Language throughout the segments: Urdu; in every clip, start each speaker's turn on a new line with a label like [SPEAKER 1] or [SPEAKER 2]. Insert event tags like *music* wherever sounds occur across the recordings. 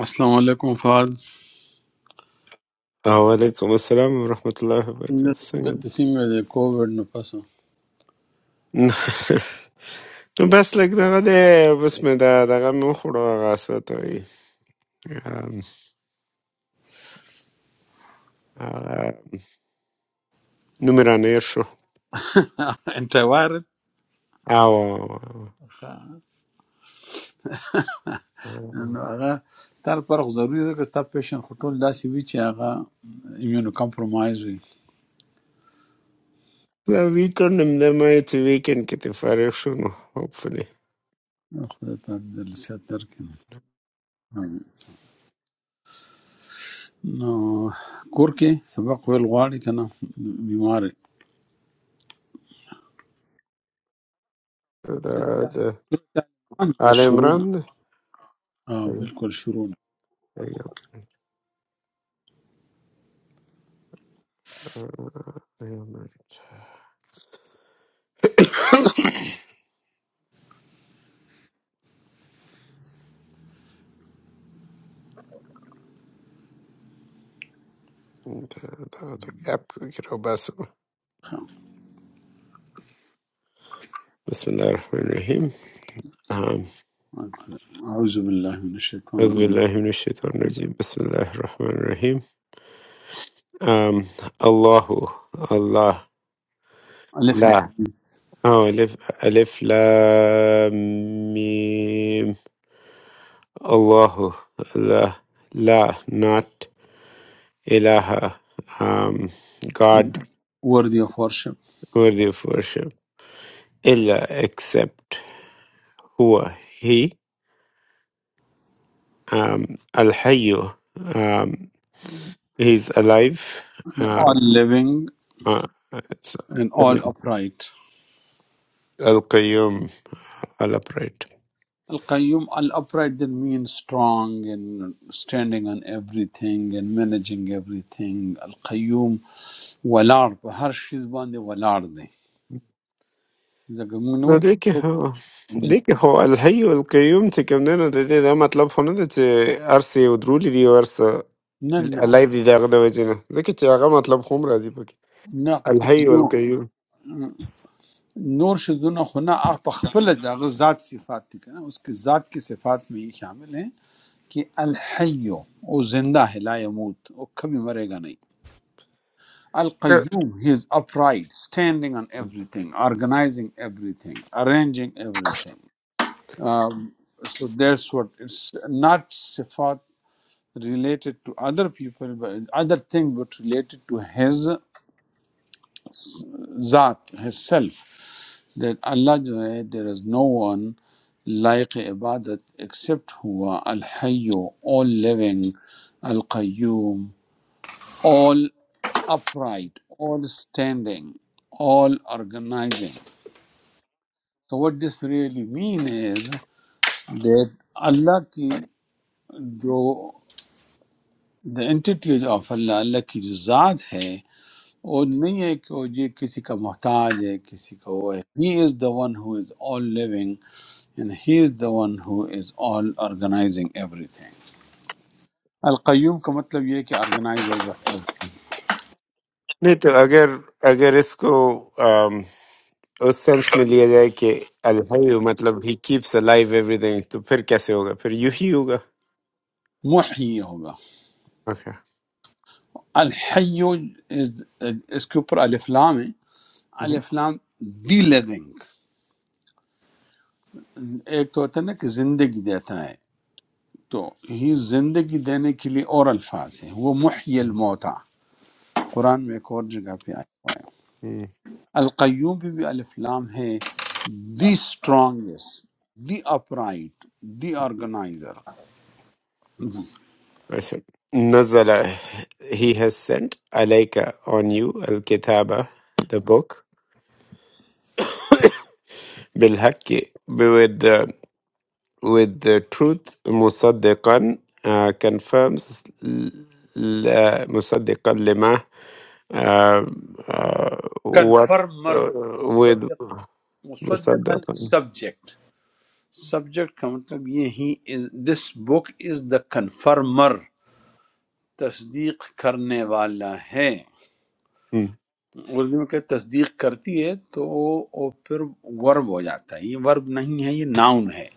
[SPEAKER 1] السلام علیکم فہد
[SPEAKER 2] वालेकुम अस्सलाम वरहमतुल्लाहि वबरकातुह څنګه
[SPEAKER 1] بہت سیمه د کووډ نه پس
[SPEAKER 2] *laughs* نو بس لږ دغه دی، بس مې دا دغه مې وخوړو، هغه څه ته وایي، آم، هغه نوم مې رانهیر شو.
[SPEAKER 1] انټر وایرل
[SPEAKER 2] او
[SPEAKER 1] نو هغه تر پر خو *laughs* ضروري ده چې تاسو پیشن خټول داسې وي چې هغه ایمونو کمپرمایز وي
[SPEAKER 2] دا ویکند همدا ما یې چې ویکند کې ترې فارغ شو، نو hopefully
[SPEAKER 1] خدای په دې لسیات درکنه نو کور کې سبق ویل غواړي کنه بیمار
[SPEAKER 2] دا د
[SPEAKER 1] طالبان
[SPEAKER 2] آل عمران
[SPEAKER 1] بشرونه
[SPEAKER 2] دی.
[SPEAKER 1] اه بالکل شرونه
[SPEAKER 2] دغه ته ګپ کې راوباسم. بسم الله الرحمن الرحیم. آم،
[SPEAKER 1] اعوذ بالله من الشیطان
[SPEAKER 2] أعوذ
[SPEAKER 1] الرجیم
[SPEAKER 2] بالله من الشيطان الرجيم. بسم الله الرحمن الرحيم. Um, Allahu, Allah,
[SPEAKER 1] الف
[SPEAKER 2] La. Oh, Alif, Alif, La, Mim. Allahu, la La, not Ilaha. Um,
[SPEAKER 1] لام.
[SPEAKER 2] God,
[SPEAKER 1] worthy of worship
[SPEAKER 2] worthy of worship. Illa, except Huwa, He. Um, Al Hayyu, um, He's alive. Um,
[SPEAKER 1] all living
[SPEAKER 2] uh, it's,
[SPEAKER 1] and all upright
[SPEAKER 2] Al Qayyum, All upright.
[SPEAKER 1] Al-Qayyum, al-upright then means strong and standing on everything and managing everything. Al-Qayyum ولاړ په هر شي باندې ولاړ دی ځکه موږ نه
[SPEAKER 2] No
[SPEAKER 1] وایو
[SPEAKER 2] det que ho,
[SPEAKER 1] په- جی
[SPEAKER 2] det que ho al hayy wal qayyum te kamnena de de da matlab hono de che arsi udruli di ars
[SPEAKER 1] نه نه
[SPEAKER 2] alive di da gda wajina de ke aga matlab khum razi pak
[SPEAKER 1] نه
[SPEAKER 2] al hayy wal
[SPEAKER 1] قیوم نور شیزونه خو نه هغه په خپله د هغه ذات صفات دي که نه اوس کې ذات کې صفات میں یہ شامل ہیں کہ الحی او زندہ ہے لا یموت او کبھی مرے گا نہیں Al Qayyum, he is upright, standing on everything, organizing everything, arranging everything. Um, so that's what it's not sifat related to other people, but other thing but related to his s- zat, his self. That Allah, जो है, there is no one like ibadat except huwa al hayyu all living, al qayyum all. upright, all standing, all organizing. So what this really mean is that اللہ کی جو the entity of اللہ اللہ کی جو ذات ہے وہ نہیں ہے کہ وہ یہ کسی کا محتاج ہے کسی کا وہ ہے he is the one who is all living and he is the one who is all organizing everything القیوم کا مطلب یہ ہے کہ organizers of everything
[SPEAKER 2] नहीं तो अगर अगर इसको अम, उस सेंस में लिया जाए कि अलहयू मतलब ही कीप्स अलाइव एवरीथिंग तो फिर कैसे होगा फिर यू ही होगा
[SPEAKER 1] محی ہوگا
[SPEAKER 2] ओके
[SPEAKER 1] الحی is اس کے اوپر الف لام ہے الف لام دی لیونگ ایک تو ہوتا ہے نا کہ زندگی دیتا ہے تو ہی زندگی دینے کے لیے اور الفاظ ہیں وہ محی الموتا قرآن میں ایک اور جگہ پہ آیا ہوا ہے القیوم بھی, بھی الف لام ہے the strongest the upright the organizer
[SPEAKER 2] अच्छा नजला ही हैज सेंट अलाइका ऑन यू अल किताबा द बुक بالحق with the, with the truth مصدقا uh, confirms ل- مصدقا لما uh, uh, what
[SPEAKER 1] confirmer
[SPEAKER 2] uh, with
[SPEAKER 1] مصدق مصدقن
[SPEAKER 2] مصدقا
[SPEAKER 1] سبجیکٹ سبجیکٹ کا مطلب یہ ہی دس بک از دا کنفرمر تصدیق کرنے والا ہے
[SPEAKER 2] Hmm.
[SPEAKER 1] اردو میں کہ تصدیق کرتی ہے تو وہ پھر ورب ہو جاتا ہے یہ ورب نہیں ہے یہ ناؤن ہے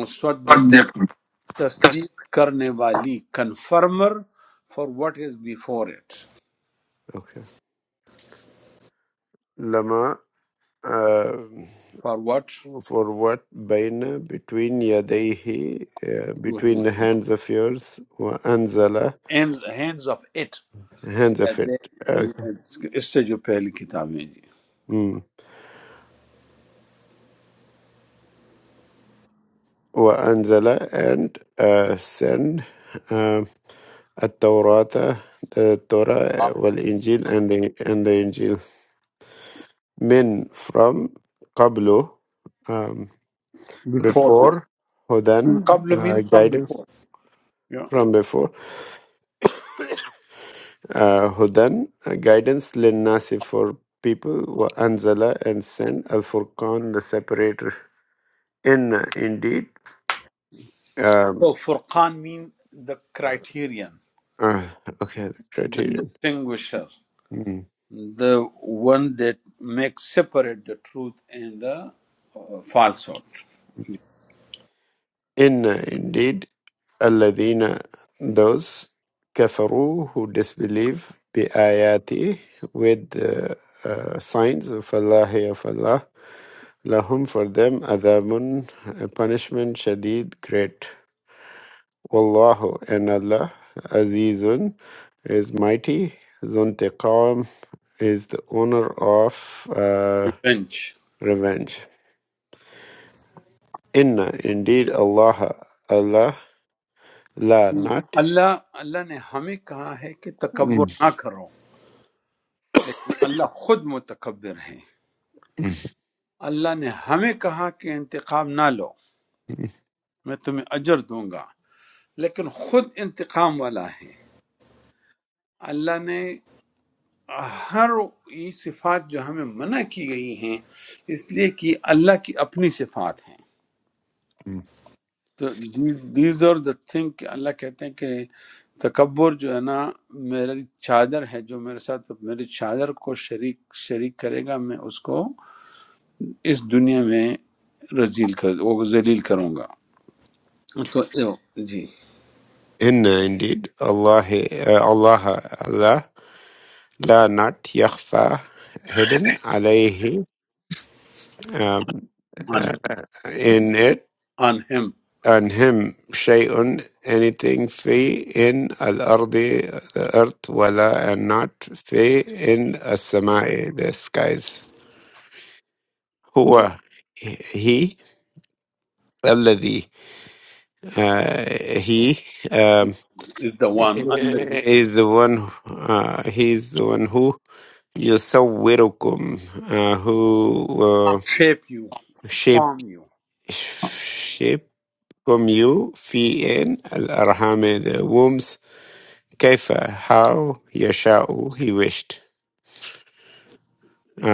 [SPEAKER 1] مصدق
[SPEAKER 2] مصدق
[SPEAKER 1] تصدیق کرنے والی confirmer for what is before it
[SPEAKER 2] Okay. لما uh,
[SPEAKER 1] for what
[SPEAKER 2] for what بين between يديه uh, between the hands of yours وأنزل
[SPEAKER 1] hands of it
[SPEAKER 2] hands of it. Okay.
[SPEAKER 1] اس سے جو پہلی کتابیں ہیں جی
[SPEAKER 2] وأنزل and uh, send um, التوراة the Torah
[SPEAKER 3] السلام
[SPEAKER 2] والإنجيل and the, and the Injil من from قبله um,
[SPEAKER 1] بیفور
[SPEAKER 2] before
[SPEAKER 1] من
[SPEAKER 2] هدى
[SPEAKER 1] قبل mean
[SPEAKER 2] uh,
[SPEAKER 1] from before
[SPEAKER 2] guidance from before uh, هدى uh, guidance للناس for people وأنزل and sent الفرقان the separator in indeed um,
[SPEAKER 1] تو فرقان mean the criterion
[SPEAKER 2] uh, okay the
[SPEAKER 1] the
[SPEAKER 2] criterion
[SPEAKER 1] distinguisher
[SPEAKER 2] Hmm.
[SPEAKER 1] the one that makes separate the truth and the uh, falsehood
[SPEAKER 2] Inna indeed Aladina those kafaru who disbelieve bi ayati with the uh, signs of Allah of Allah lahum for them adabun a punishment shadid great wallahu and Allah azizun is mighty zuntiqam is the owner of uh,
[SPEAKER 1] revenge
[SPEAKER 2] revenge inna indeed Allah Allah la not
[SPEAKER 1] اللہ اللہ نے ہمیں کہا ہے کہ تکبر نہ کرو لیکن اللہ خود متکبر ہیں اللہ نے ہمیں کہا کہ انتقام نہ لو میں تمہیں اجر دوں گا لیکن خود انتقام والا ہے اللہ نے ہر یہ صفات جو ہمیں منع کی گئی ہیں اس لیے کہ اللہ کی اپنی صفات ہیں تو دیز آر دا تھنگ کہ اللہ کہتے ہیں کہ تکبر جو ہے نا میری چادر ہے جو میرے ساتھ میری چادر کو شریک شریک کرے گا میں اس کو اس دنیا میں رزیل کر وہ ذلیل کروں گا تو اے- جی
[SPEAKER 2] Inna indeed, Allah, uh, Allah, Allah, la not yakhfa, hidden, alayhi, um,
[SPEAKER 1] on
[SPEAKER 2] uh, in it,
[SPEAKER 1] on him
[SPEAKER 2] and him, shay'un, anything, fi, in, al-ardi, the earth, wala, and not, fi, in, as-samai, the skies. Huwa, he, alladhi, uh, he, um,
[SPEAKER 1] is the one الذي
[SPEAKER 2] is the one, uh, he is the one who You're so welcome. Uh, who uh,
[SPEAKER 1] shape you
[SPEAKER 2] shape
[SPEAKER 1] form you
[SPEAKER 2] shape from you في إن الأرحام the wombs كيف how يشاء he wished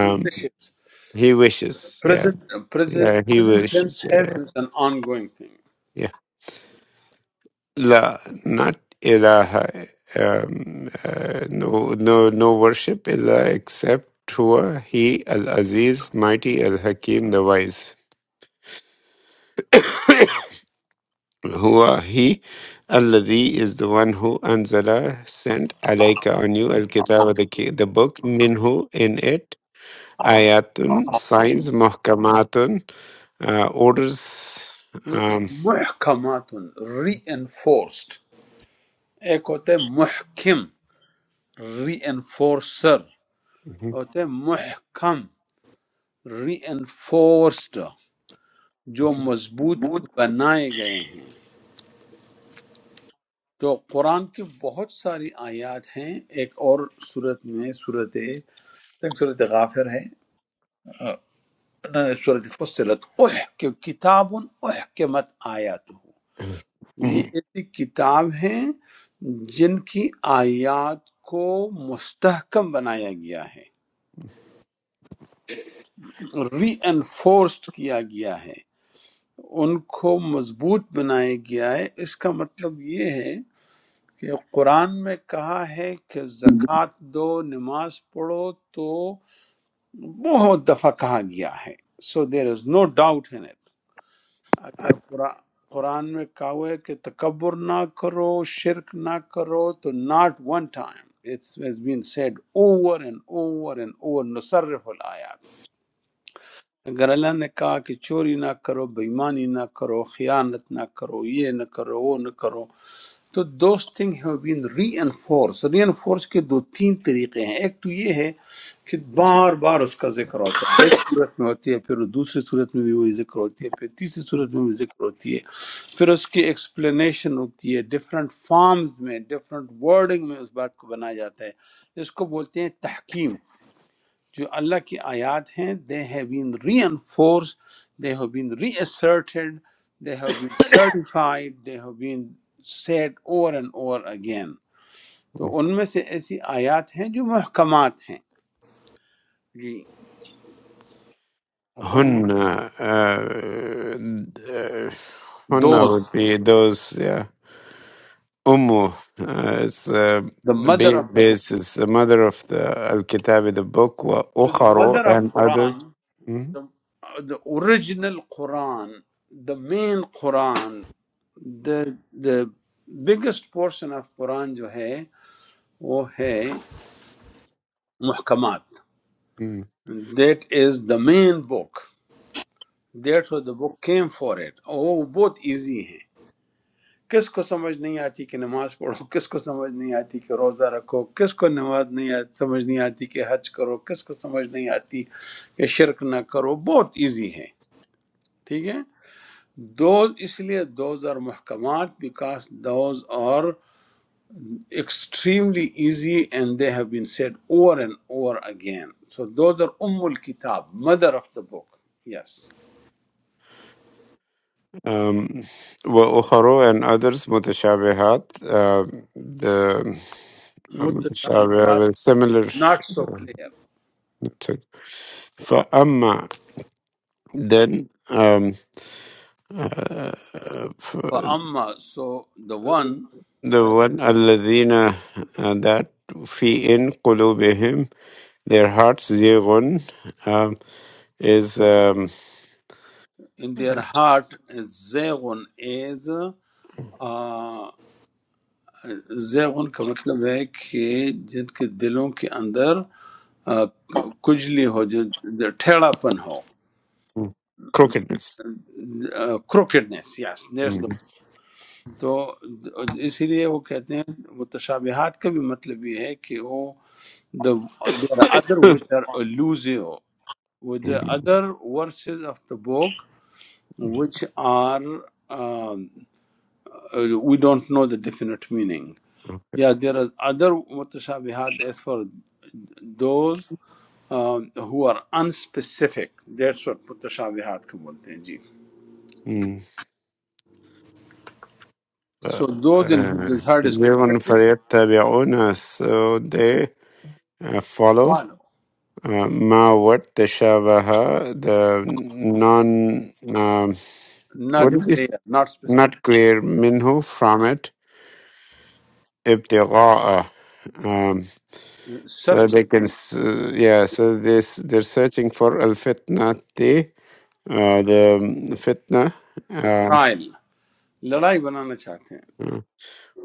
[SPEAKER 1] he wishes
[SPEAKER 2] he wishes yeah
[SPEAKER 1] present present
[SPEAKER 2] yeah he
[SPEAKER 1] present
[SPEAKER 2] wishes
[SPEAKER 1] tense
[SPEAKER 2] yeah
[SPEAKER 1] has is an ongoing thing
[SPEAKER 2] yeah law not إله um, uh, no no no worship إلا except هو he al Aziz mighty al Hakim the wise *laughs* *coughs* Huwa he Alladhi is the one who Anzala sent alayka on you al kitab the, ki- the book minhu in it ayatun signs muhkamatun uh, orders um,
[SPEAKER 1] محکمات reinforced ایک ہوتا ہے محکم ری انفورسر
[SPEAKER 2] mhm.
[SPEAKER 1] ہوتا ہے محکم ری انفورسڈ جو مضبوط بنائے گئے ہیں تو قرآن کی بہت ساری آیات ہیں ایک اور صورت میں صورت صورت غافر ہے صورت فصلت اح کہ کتاب احکمت آیات یہ ایسی کتاب ہیں جن کی آیات کو مستحکم بنایا گیا ہے ری انفورسڈ کیا گیا ہے ان کو مضبوط بنایا گیا ہے اس کا مطلب یہ ہے کہ قرآن میں کہا ہے کہ زکوٰۃ دو نماز پڑھو تو بہت دفعہ کہا گیا ہے سو دیر از نو ڈاؤٹ ان اٹ اگر قرآن قرآن میں کہا ہوا ہے کہ تکبر نہ کرو شرک نہ کرو تو not one time it's been said over and over and over نصرف الآیات اگر اللہ نے کہا کہ چوری نہ کرو بےمانی نہ کرو خیانت نہ کرو یہ نہ کرو وہ نہ کرو تو those thing have been reinforce reinforce کے دو تین طریقے ہیں ایک تو یہ ہے کہ بار بار اس کا ذکر ہوتا ہے ایک صورت میں ہوتی ہے پھر دوسری صورت میں بھی وہی ذکر ہوتی ہے پھر تیسری صورت میں بھی ذکر ہوتی ہے پھر اس کی ایکسپلینیشن ہوتی ہے ڈفرینٹ فارمز میں ڈفرینٹ ورڈنگ میں اس بات کو بنایا جاتا ہے اس کو بولتے ہیں تحکیم جو اللہ کی آیات ہیں they have been reinforce they have been re asserted they have been certified they have been said over and over again تو ان میں سے ایسی آیات ہیں جو محکمات ہیں جی ہن
[SPEAKER 2] hunna uh, uh, hunna
[SPEAKER 1] those
[SPEAKER 2] would be those yeah Ummu. Uh, it's uh,
[SPEAKER 1] the mother
[SPEAKER 2] Bi-
[SPEAKER 1] of the book
[SPEAKER 2] Bis is the mother of the Al Kitabi, the book, wa
[SPEAKER 1] so the
[SPEAKER 2] Ukharo
[SPEAKER 1] mother of
[SPEAKER 2] and
[SPEAKER 1] Quran
[SPEAKER 2] others. Mhm.
[SPEAKER 1] the, the original Quran the main Quran the the biggest portion of Quran جو ہے وہ ہے محکمات
[SPEAKER 2] Mm.
[SPEAKER 1] That is the main book that was the book came for it وہ بہت ایزی ہیں کس کو سمجھ نہیں آتی کہ نماز پڑھو کس کو سمجھ نہیں آتی کہ روزہ رکھو کس کو نماز نہیں آتی سمجھ نہیں آتی کہ حج کرو کس کو سمجھ نہیں آتی کہ شرک نہ کرو بہت ایزی ہیں ٹھیک ہے دوز اس لیے دوز آر محکمات because those are extremely easy and they have been said over and over again so those are ام الکتاب mother of the book yes
[SPEAKER 2] Um, wa Ukharo and others, Mutashabihat. Uh, the uh, Mutashabihat
[SPEAKER 1] متشابہات
[SPEAKER 2] were similar.
[SPEAKER 1] not so
[SPEAKER 2] uh,
[SPEAKER 1] clear
[SPEAKER 2] to- فأما then um, uh, f-
[SPEAKER 1] فأما so the one
[SPEAKER 2] the
[SPEAKER 1] uh,
[SPEAKER 2] one الذين uh, that في in قلوبهم their hearts زيغ is um,
[SPEAKER 1] in their heart is زیغن is uh, زیغن کا مطلب ہے کہ جن کے دلوں کے اندر uh,
[SPEAKER 3] علیکم
[SPEAKER 1] کجلی ہو جو جو ٹھیڑا پن ہو
[SPEAKER 2] crookedness.
[SPEAKER 1] کروکڈنس یس نیس
[SPEAKER 2] Mm.
[SPEAKER 1] تو اسی لیے وہ کہتے ہیں متشابہات کا بھی مطلب یہ ہے کہ وہ the there are other which are elusive with the
[SPEAKER 2] Mm,
[SPEAKER 1] other verses of the book,
[SPEAKER 2] mm,
[SPEAKER 1] which are um, uh, we don't know the definite meaning.
[SPEAKER 2] *coughs*
[SPEAKER 1] Yeah, there are other
[SPEAKER 3] السلام
[SPEAKER 1] mutashabihat as for those um, who are unspecific. That's what mutashabihat को बोलते हैं जी.
[SPEAKER 2] mm. Uh,
[SPEAKER 1] So those in whose desire is
[SPEAKER 2] Everyone
[SPEAKER 1] crookedness,
[SPEAKER 2] فَيَتَّبِعُونَ So they uh, follow
[SPEAKER 1] follow,
[SPEAKER 2] uh, ma what tashabaha the non um, what
[SPEAKER 1] not
[SPEAKER 2] it is
[SPEAKER 1] clear, not specific,
[SPEAKER 2] not clear minhu from it ibtigha'a um, so they
[SPEAKER 1] searching,
[SPEAKER 2] can s- uh, yeah so this they're searching for al fitna uh, the um, fitna um,
[SPEAKER 1] trial, लड़ाई बनाना चाहते हैं.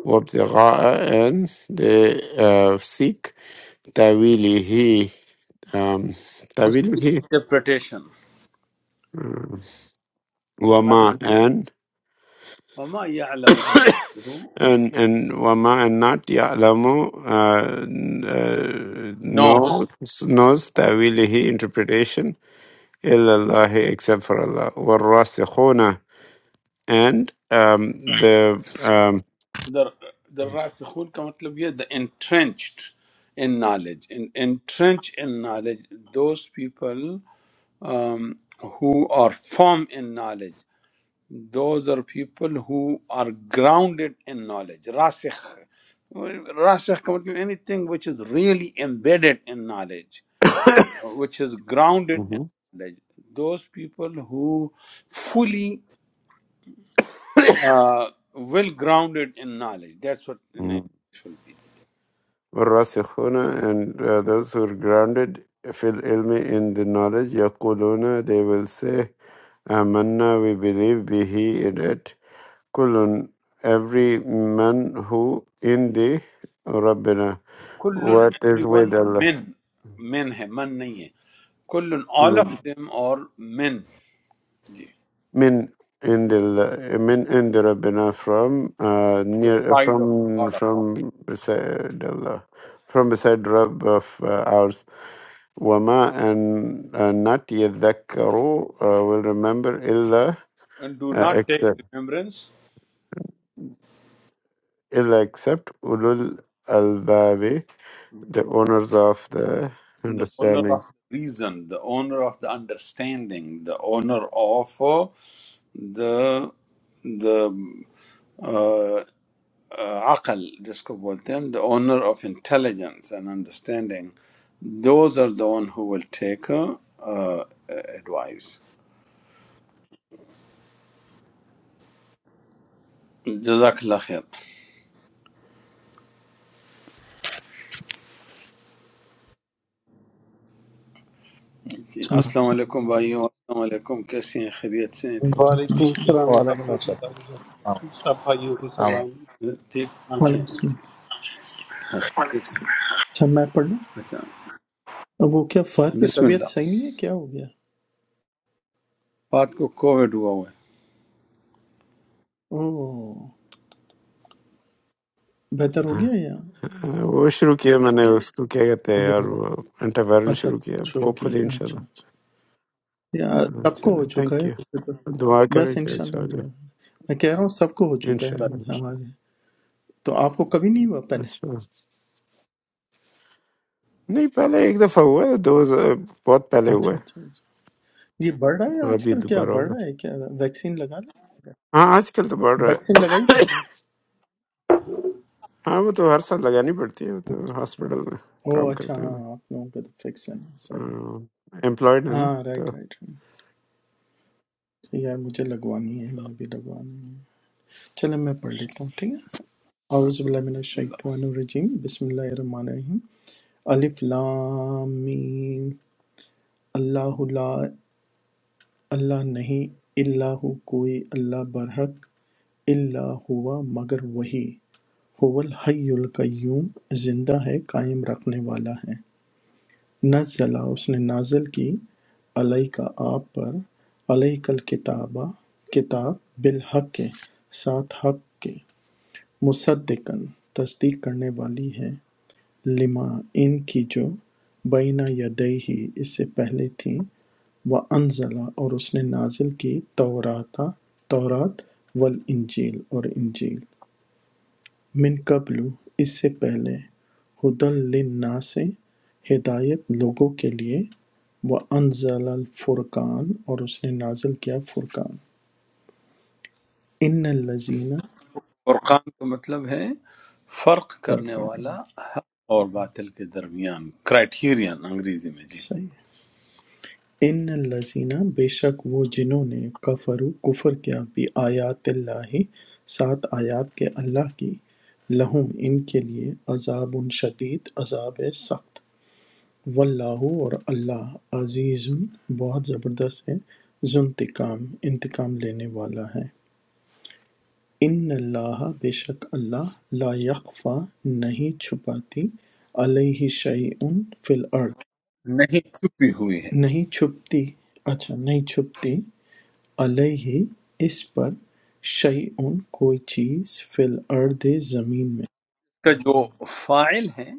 [SPEAKER 2] وابتغاء and they uh, seek تأويله um,
[SPEAKER 1] उसकी
[SPEAKER 2] تأويله
[SPEAKER 1] interpretation.
[SPEAKER 2] um, وما and
[SPEAKER 1] वमा यعلم
[SPEAKER 2] and and وما and not يعلم uh, n- uh,
[SPEAKER 1] No.
[SPEAKER 2] knows knows تأويله interpretation إلا الله except for Allah والراسخون and um, the
[SPEAKER 1] the the Rasikhun ka matlab ye the entrenched in knowledge in entrenched in knowledge those people um, who are firm in knowledge those are people who are grounded in knowledge rasikh rasikh ka matlab anything which is really embedded in knowledge which is grounded in knowledge those people who fully uh, well grounded in knowledge that's what an
[SPEAKER 2] um,
[SPEAKER 1] English will be
[SPEAKER 2] والراسخون and uh, those who are grounded في العلم in the knowledge يقولون they will say Amna we believe به in it كل every man who in the ربنا
[SPEAKER 1] Kullun,
[SPEAKER 2] what is with
[SPEAKER 1] everyone,
[SPEAKER 2] Allah
[SPEAKER 1] men. Men है man नहीं है. Kullun, all of them are men. जी.
[SPEAKER 2] من عند ال من عند ربنا from uh,
[SPEAKER 1] The
[SPEAKER 2] near
[SPEAKER 1] side of
[SPEAKER 2] from
[SPEAKER 1] God
[SPEAKER 2] from
[SPEAKER 1] account.
[SPEAKER 2] beside Allah from beside Rabb of uh, ours وما and uh, not يذكروا uh, will remember إلا
[SPEAKER 1] And do
[SPEAKER 2] uh,
[SPEAKER 1] not take
[SPEAKER 2] except
[SPEAKER 1] remembrance.
[SPEAKER 2] إلا except أولو الألباب the owners of the
[SPEAKER 1] The owner
[SPEAKER 2] understanding
[SPEAKER 1] of the reason, the owner of the understanding, the owner of uh, the the uh, uh, عقل, जिसको बोलते हैं, the owner of intelligence and understanding. Those are the one who will take uh, uh, advice. جزاک اللہ خیر جی السلام علیکم بھائیوں السلام علیکم کیسے ہیں خیریت سے ہیں ٹھیک
[SPEAKER 4] وعلیکم السلام
[SPEAKER 5] Well, I think it
[SPEAKER 4] ورحمۃ
[SPEAKER 5] works
[SPEAKER 4] اللہ وبرکاتہ سب بھائیوں کو
[SPEAKER 5] out.
[SPEAKER 4] سلام
[SPEAKER 1] ٹھیک ٹھاک
[SPEAKER 3] وعلیکم
[SPEAKER 1] ہیں
[SPEAKER 3] السلام
[SPEAKER 6] हाँ,
[SPEAKER 3] اچھا میں پڑھ لوں
[SPEAKER 1] اچھا
[SPEAKER 3] اب وہ کیا فہد کی
[SPEAKER 1] بسم
[SPEAKER 3] طبیعت صحیح
[SPEAKER 1] اللہ
[SPEAKER 3] نہیں ہے کیا ہو گیا
[SPEAKER 1] بات کو کووڈ ہوا ہوا
[SPEAKER 3] او بہتر ہو
[SPEAKER 2] हाँ,
[SPEAKER 3] گیا یا
[SPEAKER 2] हाँ, वो शुरू किया मैंने उसको क्या कहते हैं
[SPEAKER 3] وہ
[SPEAKER 2] यार वो अंटावायरल
[SPEAKER 3] اچھا
[SPEAKER 2] शुरू किया
[SPEAKER 3] اچھا شروع کی
[SPEAKER 2] होपफुली इंशाल्लाह
[SPEAKER 3] اچھا اچھا یا
[SPEAKER 2] हाँ,
[SPEAKER 3] سب کو ہو
[SPEAKER 2] चलो
[SPEAKER 3] چکا
[SPEAKER 2] थैंक
[SPEAKER 3] ہے
[SPEAKER 2] यू
[SPEAKER 3] ویسے تو
[SPEAKER 2] दुआ करें
[SPEAKER 3] بس
[SPEAKER 2] कि अच्छा
[SPEAKER 3] انشاءاللہ
[SPEAKER 2] हो जाए
[SPEAKER 3] دعا ہے۔ میں کہہ رہا ہوں سب کو ہو چکا ہے
[SPEAKER 1] ہے
[SPEAKER 3] ہم-
[SPEAKER 2] इंशाल्लाह
[SPEAKER 3] ہمارے
[SPEAKER 2] इंशाल्लाह।
[SPEAKER 3] تو آپ کو کبھی نہیں ہوا پہلے
[SPEAKER 2] अच्छा नहीं पहले एक दफा हुआ है दो बहुत पहले हुआ
[SPEAKER 3] اچھا
[SPEAKER 2] है
[SPEAKER 3] اچھا اچھا۔ یہ بڑھ رہا ہے
[SPEAKER 2] और
[SPEAKER 3] آج
[SPEAKER 2] अभी
[SPEAKER 3] کل کیا
[SPEAKER 2] दोबारा
[SPEAKER 3] بڑھ
[SPEAKER 2] होगा
[SPEAKER 3] رہا ہے کیا ویکسین لگا لی
[SPEAKER 2] हाँ आजकल तो बढ़ रहा
[SPEAKER 3] ویکسین لگائی تھی
[SPEAKER 2] है *coughs* हाँ वो तो हर साल लगानी पड़ती है वो तो
[SPEAKER 3] اچھا۔
[SPEAKER 2] हॉस्पिटल में
[SPEAKER 3] اوہ
[SPEAKER 2] काम
[SPEAKER 3] اچھا
[SPEAKER 2] करते हैं
[SPEAKER 3] ہاں
[SPEAKER 2] ना
[SPEAKER 3] آپ لوگوں کا تو فکس ہے صحیح ہے
[SPEAKER 2] एम्प्लॉयड है ना
[SPEAKER 3] ہاں رائٹ
[SPEAKER 2] तो
[SPEAKER 3] رائٹ صحیح ہے، یار مجھے لگوانی ہے میں
[SPEAKER 1] بسم
[SPEAKER 3] بھی لگوانی ہے چلے میں پڑھ لیتا ہوں ٹھیک ہے اعوذ باللہ من
[SPEAKER 1] اللہ
[SPEAKER 3] الشیطان الرجیم بسم اللہ الرحمن الرحیم الف لام میم اللہ لا اللہ نہیں اللہ ہو، کوئی اللہ برحق اللہ ہوا مگر وہی هو الحی القیوم زندہ ہے قائم رکھنے والا ہے نزَّلَ اس نے نازل کی عَلَيْکَ آپ پر عَلَيْکَ الکتابَ کتاب بالحق کے ساتھ حق کے مصدقاً تصدیق کرنے والی ہے لما ان کی جو بینہ یدیہ اس سے پہلے تھیں وَأَنزَلَ اور اس نے نازل کی تورات تورات والانجیل اور انجیل مِن قبل اس سے پہلے ھدی للناس ہدایت لوگوں کے لیے وَأَنزَلَ الْفُرْقَانَ اور اس نے نازل کیا فرقان ان الذین
[SPEAKER 1] فرقان کا مطلب ہے فرق کرنے والا حق اور باطل کے درمیان کرائٹیرین انگریزی میں جی
[SPEAKER 3] صحیح ہے۔ ان الذین بے شک وہ جنہوں نے کفروا کفر کیا بھی آیات اللہ سات آیات کے اللہ کی لہم ان کے لیے عذاب شدید عذاب ہے سخت واللہ اور اللہ عزیز بہت زبردست ہے ذو انتقام انتقام لینے والا ہے ان اللہ بے شک اللہ لا یخفا نہیں چھپاتی علیہ شیئن فی الارض
[SPEAKER 1] نہیں چھپی ہوئی ہے
[SPEAKER 3] نہیں چھپتی اچھا نہیں چھپتی علیہ اس پر شیئن کوئی چیز فی الارض زمین میں
[SPEAKER 1] اس کا جو فائل ہے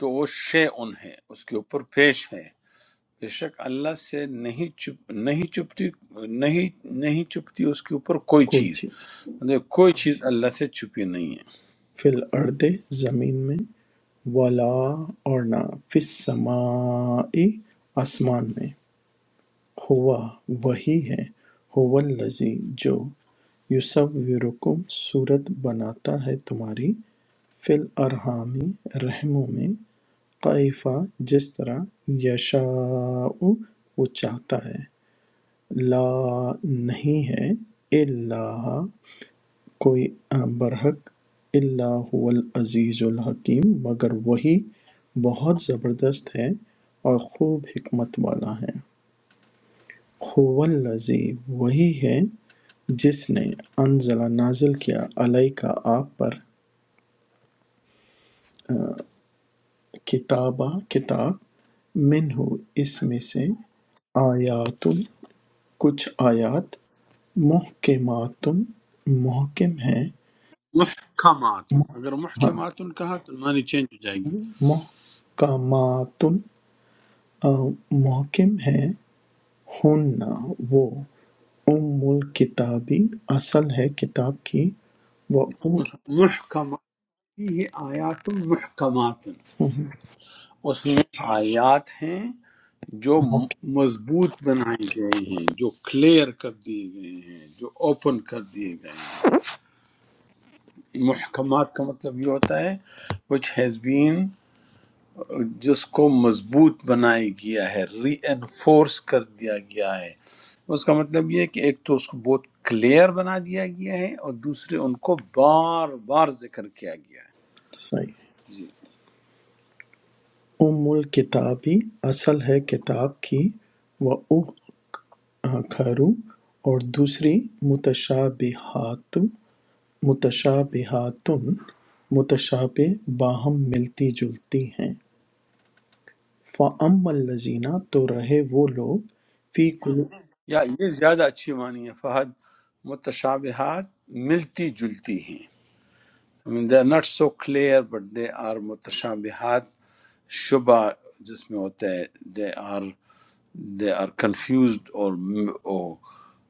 [SPEAKER 1] تو وہ شے ان ہے اس کے اوپر پیش ہے بے شک اللہ سے نہیں چپ نہیں چپتی نہیں نہیں چپتی اس کے اوپر کوئی
[SPEAKER 3] کوئی
[SPEAKER 1] چیز
[SPEAKER 3] چیز
[SPEAKER 1] مطلب کوئی چیز اللہ سے چھپی نہیں ہے
[SPEAKER 3] فی الارض زمین میں وَلَا اور نہ فِی السَّمَاءِ آسمان میں ہوا وہی ہے ہوا الذی جو یصورکم صورت بناتا ہے تمہاری فی الارحامی رحموں میں قیفہ جس طرح یشاء وہ چاہتا ہے لا نہیں ہے اللہ کوئی برحق الا هو العزیز الحکیم مگر وہی بہت زبردست ہے اور خوب حکمت والا ہے هو الذی وہی ہے جس نے انزل نازل کیا علیہ کا آپ پر کتابہ کتاب منہ اس میں سے آیات کچھ آیات محکمات محکم ہیں
[SPEAKER 1] محکمات اگر محکمات کہا تو معنی چینج ہو جائے گی
[SPEAKER 3] محکمات محکم ہیں ہننا وہ ام الکتاب اصل ہے کتاب کی وہ
[SPEAKER 1] محکمات یہ آیات محکمات اس میں آیات ہیں جو م- مضبوط بنائی گئی ہیں جو کلیئر کر دیے گئے ہیں جو اوپن کر دیے گئے ہیں محکمات کا مطلب یہ ہوتا ہے وچ ہیز بین جس کو مضبوط بنایا گیا ہے ری انفورس کر دیا گیا ہے اس کا مطلب یہ ہے کہ ایک تو اس کو بہت کلیئر بنا دیا گیا ہے اور دوسرے ان کو بار بار ذکر کیا گیا ہے
[SPEAKER 3] صحیح
[SPEAKER 1] جی
[SPEAKER 3] ام الکتاب اصل ہے کتاب کی وہ کھرو اور دوسری متشابہات متشابہات متشابہ باہم ملتی جلتی ہیں فَأَمَّا الَّذِينَ تو رہے وہ لوگ فی
[SPEAKER 1] یا یہ زیادہ اچھی معنی ہے فہد متشابہات ملتی جلتی ہیں they are not so clear but they are متشابہات شبہ جس میں ہوتا ہے they are they are confused اور اور-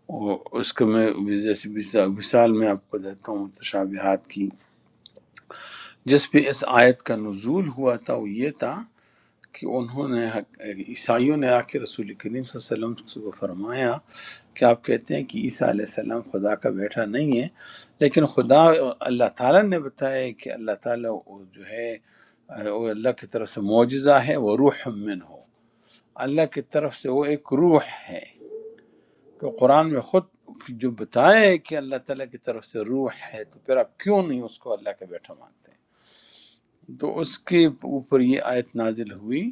[SPEAKER 1] اور اس کو میں جیسے مثال مثال میں آپ کو دیتا ہوں تشابہات کی جس پہ اس آیت کا نزول ہوا تھا وہ یہ تھا کہ انہوں نے عیسائیوں نے آ کے رسول کریم صلی اللہ علیہ وسلم کو فرمایا کہ آپ کہتے ہیں کہ عیسیٰ علیہ السلام خدا کا بیٹا نہیں ہے لیکن خدا اللہ تعالیٰ نے بتایا ہے کہ اللہ تعالیٰ وہ جو ہے وہ اللہ کی طرف سے معجزہ ہے وہ روح من ہو اللہ کی طرف سے وہ ایک روح ہے کہ قرآن میں خود جو بتایا ہے کہ اللہ تعالیٰ کی طرف سے روح ہے تو پھر آپ کیوں نہیں اس کو اللہ کا بیٹا مانتے ہیں تو اس کے اوپر یہ آیت نازل ہوئی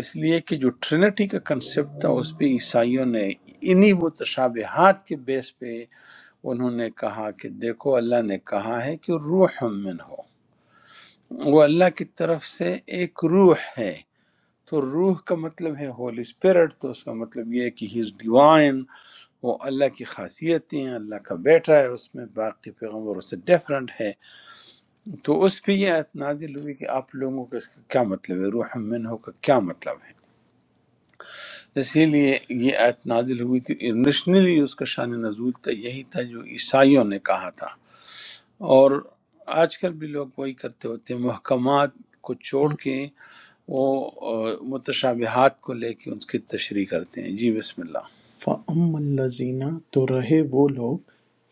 [SPEAKER 1] اس لیے کہ جو ٹرینٹی کا کنسپٹ تھا اس پہ عیسائیوں نے انہی متشابہات کے بیس پہ انہوں نے کہا کہ دیکھو اللہ نے کہا ہے کہ روح من ہو وہ اللہ کی طرف سے ایک روح ہے تو روح کا مطلب ہے ہول اسپرٹ تو اس کا مطلب یہ ہے کہ ہی از ڈیوائن، وہ اللہ کی خاصیتیں ہیں اللہ کا بیٹا ہے اس میں باقی پیغمبروں سے ڈیفرنٹ ہے تو اس پہ یہ آیت نازل ہوئی کہ آپ لوگوں کا اس کا کیا مطلب ہے روح منہ کا کیا مطلب ہے اسی لیے یہ آیت نازل ہوئی تھی انٹرنیشنلی اس کا شان نزول تھا یہی تھا جو عیسائیوں نے کہا تھا اور آج کل بھی لوگ وہی کرتے ہوتے ہیں محکمات کو چھوڑ کے وہ آ، متشابہات کو لے کے اس کی تشریح کرتے ہیں جی بسم اللہ
[SPEAKER 3] فَأَمَّا الَّذِينَ تو رہے وہ لوگ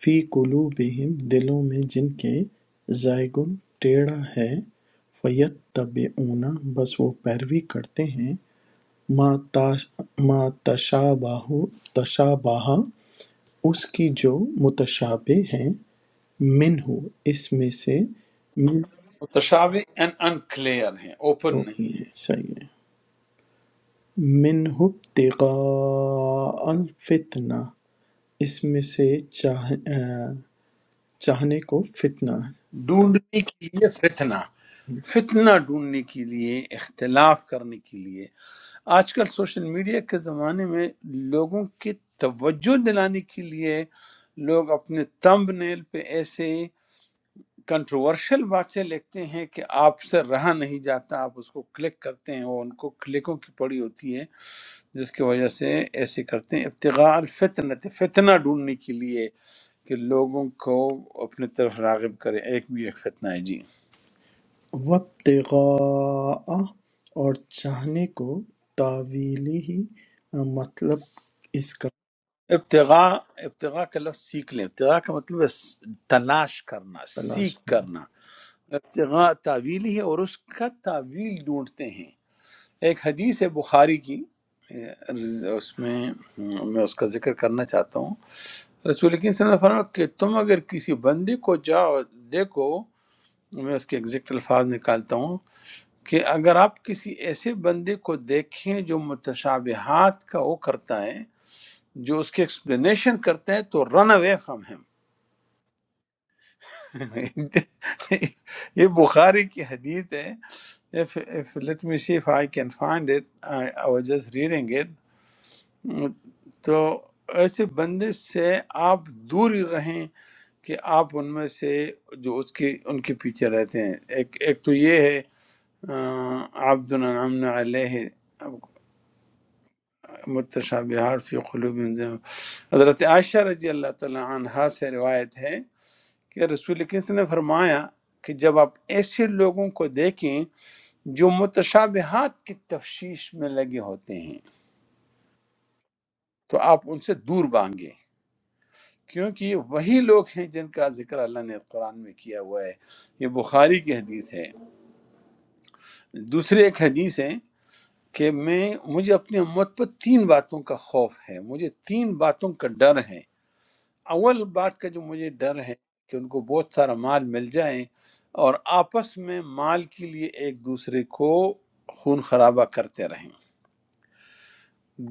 [SPEAKER 3] فِی قُلُوبِہِم دلوں میں جن کے زَیغٌ ٹیڑھا ہے فَیَتَّبِعُونَ بس وہ پیروی کرتے ہیں مَا تَشَابَہَ اس کی جو متشابہ ہیں منہ اس میں سے من
[SPEAKER 1] متشابہ ان کلیئر ہیں اوپن نہیں ہیں
[SPEAKER 3] صحیح ہے منہ ابتغاء الفتنہ اس میں سے چاہ, آ، چاہنے کو فتنہ
[SPEAKER 1] ڈھونڈنے کے لیے فتنہ فتنہ ڈھونڈنے کے لیے اختلاف کرنے کے لیے آج کل سوشل میڈیا کے زمانے میں لوگوں کی توجہ دلانے کے لیے لوگ اپنے تمب نیل پہ ایسے کنٹروورشل باتیں لکھتے ہیں کہ آپ سے رہا نہیں جاتا آپ اس کو کلک کرتے ہیں وہ ان کو کلکوں کی پڑی ہوتی ہے جس کی وجہ سے ایسے کرتے ہیں ابتغاء الفتنت فتنہ ڈھونڈنے کے لیے کہ لوگوں کو اپنے طرف راغب کریں ایک بھی ایک فتنہ ہے جی
[SPEAKER 3] وابتغاء اور چاہنے کو تاویلی ہی مطلب اس کا
[SPEAKER 1] ابتغاء ابتغاء کا لفظ سیکھ لیں ابتغاء کا مطلب ہے س- تلاش کرنا
[SPEAKER 3] تلاش
[SPEAKER 1] سیکھ
[SPEAKER 3] کرنا
[SPEAKER 1] کرنا ابتغاء تعویل ہی ہے اور اس کا تعویل ڈھونڈتے ہیں ایک حدیث ہے بخاری کی اے، اس میں ہم، میں اس کا ذکر کرنا چاہتا ہوں رسول کریم صلی اللہ علیہ وسلم نے فرمایا کہ تم اگر کسی بندے کو جاؤ دیکھو میں اس کے ایگزیکٹ الفاظ نکالتا ہوں کہ اگر آپ کسی ایسے بندے کو دیکھیں جو متشابہات کا وہ کرتا ہے جو اس کی ایکسپلینیشن کرتے ہیں تو رن اوے فرام ہم یہ بخاری کی حدیث ہے if if let me see if I can find it I, I was just reading it تو ایسے بندے سے آپ دور ہی رہیں کہ آپ ان میں سے جو اس کی ان کے پیچھے رہتے ہیں ایک ایک تو یہ ہے آ، عبد النعمن علیہ متشابہات فی قلوب حضرت عائشہ رضی اللہ تعالی عنہا سے روایت ہے کہ رسول کریم صلی اللہ علیہ وسلم نے فرمایا کہ جب آپ ایسے لوگوں کو دیکھیں جو متشابہات کی تفشیش میں لگے ہوتے ہیں تو آپ ان سے دور بھاگیں کیونکہ یہ وہی لوگ ہیں جن کا ذکر اللہ نے قرآن میں کیا ہوا ہے یہ بخاری کی حدیث ہے دوسری ایک حدیث ہے کہ میں مجھے اپنی امت پر تین باتوں کا خوف ہے مجھے تین باتوں کا ڈر ہے اول بات کا جو مجھے ڈر ہے کہ ان کو بہت سارا مال مل جائے اور آپس میں مال کے لیے ایک دوسرے کو خون خرابہ کرتے رہیں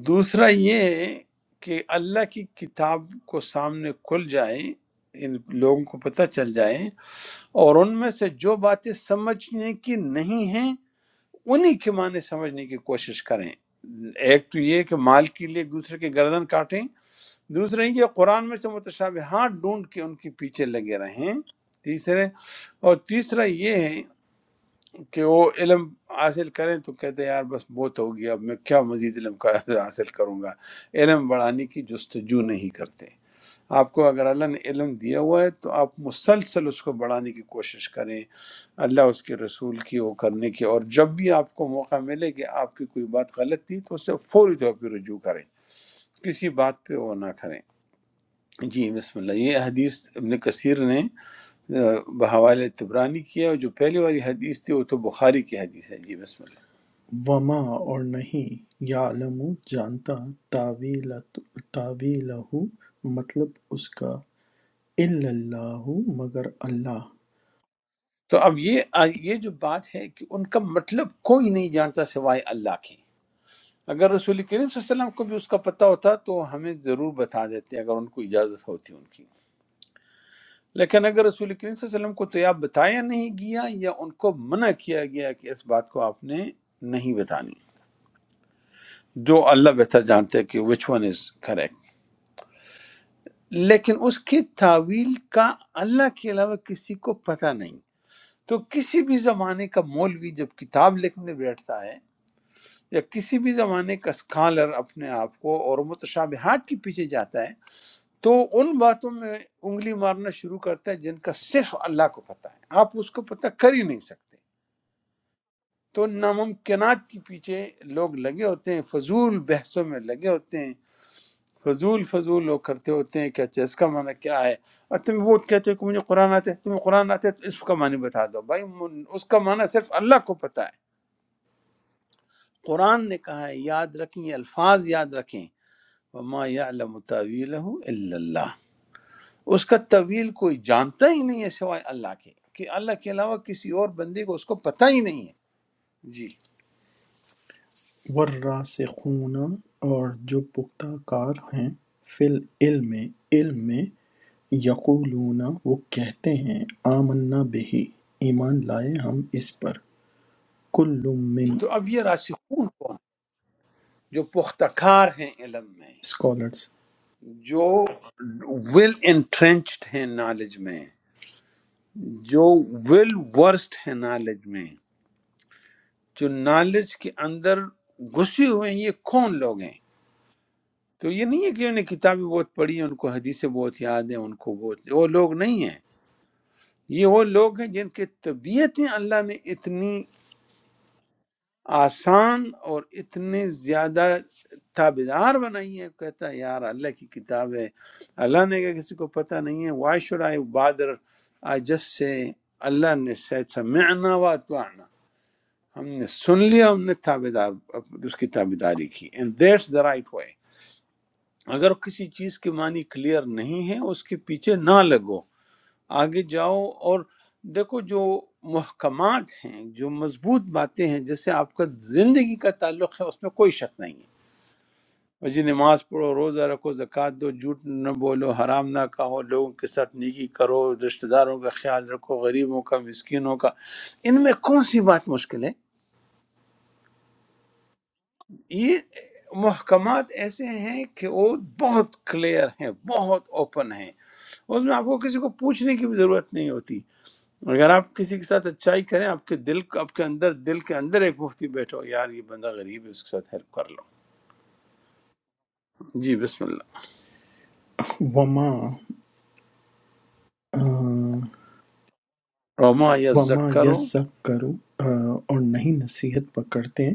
[SPEAKER 1] دوسرا یہ کہ اللہ کی کتاب کو سامنے کھل جائے ان لوگوں کو پتہ چل جائے اور ان میں سے جو باتیں سمجھنے کی نہیں ہیں انہی کے معنی سمجھنے کی کوشش کریں ایک تو یہ کہ مال کے لیے دوسرے کے گردن کاٹیں دوسرے یہ قرآن میں سے متشابہات ڈھونڈ کے ان کے پیچھے لگے رہیں تیسرے اور تیسرا یہ ہے کہ وہ علم حاصل کریں تو کہتے ہیں یار بس بہت ہو گیا اب میں کیا مزید علم کا *laughs* حاصل کروں گا علم بڑھانے کی جستجو نہیں کرتے آپ کو اگر اللہ نے علم دیا ہوا ہے تو آپ مسلسل اس کو بڑھانے کی کوشش کریں اللہ اس کے رسول کی وہ کرنے کی اور جب بھی آپ کو موقع ملے کہ آپ کی کوئی بات غلط تھی تو اسے فوری طور پہ رجوع کریں کسی بات پہ وہ نہ کریں جی بسم اللہ یہ حدیث ابن کثیر نے آ، بحوالِ تبرانی کیا اور جو پہلی والی حدیث تھی وہ تو بخاری کی حدیث ہے جی بسم اللہ
[SPEAKER 3] وما اور نہیں یعلم جانتا تاویل تاویلہ مطلب اس کا الا اللہ مگر اللہ
[SPEAKER 1] تو اب یہ آ، یہ جو بات ہے کہ ان کا مطلب کوئی نہیں جانتا سوائے اللہ کے اگر رسول کریم صلی اللہ علیہ وسلم کو بھی اس کا پتہ ہوتا تو ہمیں ضرور بتا دیتے اگر ان کو اجازت ہوتی ان کی لیکن اگر رسول کریم صلی اللہ علیہ وسلم کو تو یا بتایا نہیں گیا یا ان کو منع کیا گیا کہ اس بات کو آپ نے نہیں بتانی جو اللہ بہتر جانتے ہیں کہ وچ ون از کریکٹ لیکن اس کی تعویل کا اللہ کے علاوہ کسی کو پتہ نہیں تو کسی بھی زمانے کا مولوی جب کتاب لکھنے بیٹھتا ہے یا کسی بھی زمانے کا اسکالر اپنے آپ کو اور متشابہات کے پیچھے جاتا ہے تو ان باتوں میں انگلی مارنا شروع کرتا ہے جن کا صرف اللہ کو پتہ ہے آپ اس کو پتہ کر ہی نہیں سکتے تو ناممکنات کے پیچھے لوگ لگے ہوتے ہیں فضول بحثوں میں لگے ہوتے ہیں فضول فضول لوگ کرتے ہوتے ہیں کہ اچھا اس کا معنی کیا ہے اور تم وہ کہتے ہو کہ مجھے قرآن آتا ہے تمہیں قرآن آتا ہے تو اس کا معنی بتا دو بھائی من- اس کا معنی صرف اللہ کو پتا ہے قرآن نے کہا ہے یاد رکھیں یہ الفاظ یاد رکھیں وما یعلم تاویلہ الا اللہ اس کا طویل کوئی جانتا ہی نہیں ہے سوائے اللہ کے کہ اللہ کے علاوہ کسی اور بندے کو اس کو پتہ ہی نہیں ہے جی
[SPEAKER 3] والراسخون اور جو پختہ کار ہیں فی العلم علم میں یقولون وہ کہتے ہیں آمنا بہی ایمان لائے ہم اس پر كل من
[SPEAKER 1] تو اب یہ راسخون کو جو پختہ کار ہیں علم میں
[SPEAKER 3] scholars
[SPEAKER 1] جو ویل انٹرنچڈ ہیں نالج میں جو ویل ورسڈ ہیں نالج میں جو نالج کے اندر گھسے ہوئے ہیں یہ کون لوگ ہیں تو یہ نہیں ہے کہ انہوں نے کتابیں بہت پڑھی ہیں ان کو حدیثیں بہت یاد ہیں ان کو بہت وہ لوگ نہیں ہیں یہ وہ لوگ ہیں جن کی طبیعتیں اللہ نے اتنی آسان اور اتنے زیادہ تابدار بنائی ہے کہتا ہے یار اللہ کی کتاب ہے اللہ نے کہا کسی کو پتہ نہیں ہے why should I bother I just say اللہ نے said سمعنا واتوانا ہم نے سن لیا ہم نے تابدار اس کی تابداری کی and that's the right way اگر کسی چیز کے معنی کلیئر نہیں ہے اس کے پیچھے نہ لگو آگے جاؤ اور دیکھو جو محکمات ہیں جو مضبوط باتیں ہیں جس سے آپ کا زندگی کا تعلق ہے اس میں کوئی شک نہیں ہے جی نماز پڑھو روزہ رکھو زکوۃ دو جھوٹ نہ بولو حرام نہ کہو لوگوں کے ساتھ نیکی کرو رشتہ داروں کا خیال رکھو غریبوں کا مسکینوں کا ان میں کون سی بات مشکل ہے یہ محکمات ایسے ہیں کہ وہ بہت کلیئر ہیں بہت اوپن ہیں اس میں آپ کو کسی کو پوچھنے کی بھی ضرورت نہیں ہوتی اگر آپ کسی کے ساتھ اچھائی کریں آپ کے دل آپ کے اندر دل کے اندر ایک مفتی بیٹھو یار یہ بندہ غریب ہے اس کے ساتھ ہیلپ کر لو جی بسم اللہ
[SPEAKER 3] وما آ،
[SPEAKER 1] روما یا
[SPEAKER 3] وما
[SPEAKER 1] زکرو
[SPEAKER 3] يذكر آ، اور نہیں نصیحت پکڑتے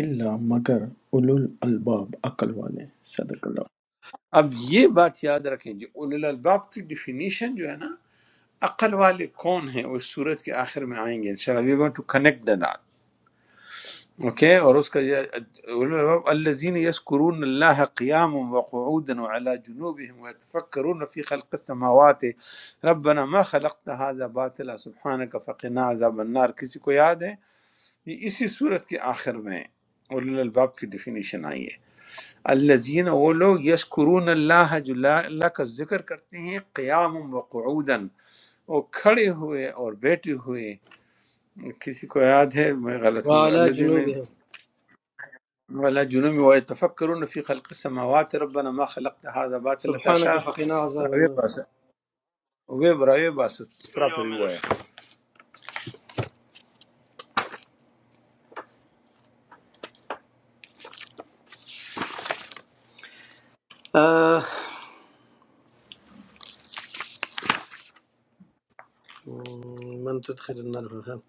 [SPEAKER 3] الا مگر اولو الالباب عقل والے صدق اللہ
[SPEAKER 1] اب یہ بات یاد رکھیں جو اول الباب کی ڈیفینیشن جو ہے نا عقل والے کون ہیں وہ اس صورت کے آخر میں آئیں گے انشاءاللہ we want to connect the okay اور اس کا یہ الذين يذكرون الله قياما وقعودا وعلى جنوبهم ويتفكرون في خلق السماوات ربنا ما خلقت هذا باطلا سبحانك فقنا عذاب النار کسی کو یاد ہے یہ اسی صورت کے آخر میں اول الباب کی ڈیفینیشن آئی ہے الذین وہ لوگ یذکرون الله جو لا- اللہ کا ذکر کرتے ہیں قیام و قعودا وہ کھڑے ہوئے اور بیٹھے ہوئے کسی کو یاد ہے میں غلط
[SPEAKER 7] وعلى
[SPEAKER 1] نہ ہوں
[SPEAKER 7] جنوبهم
[SPEAKER 1] ولا جنوب ويتفكرون في خلق السماوات ربنا ما خلقت هذا باطل
[SPEAKER 7] سبحانك
[SPEAKER 1] تشاء
[SPEAKER 7] فقنا عذاب
[SPEAKER 1] راوی
[SPEAKER 7] النار
[SPEAKER 1] باس وے براوی باس پراپر ہوا ہے
[SPEAKER 7] آه مم، من تدخل النار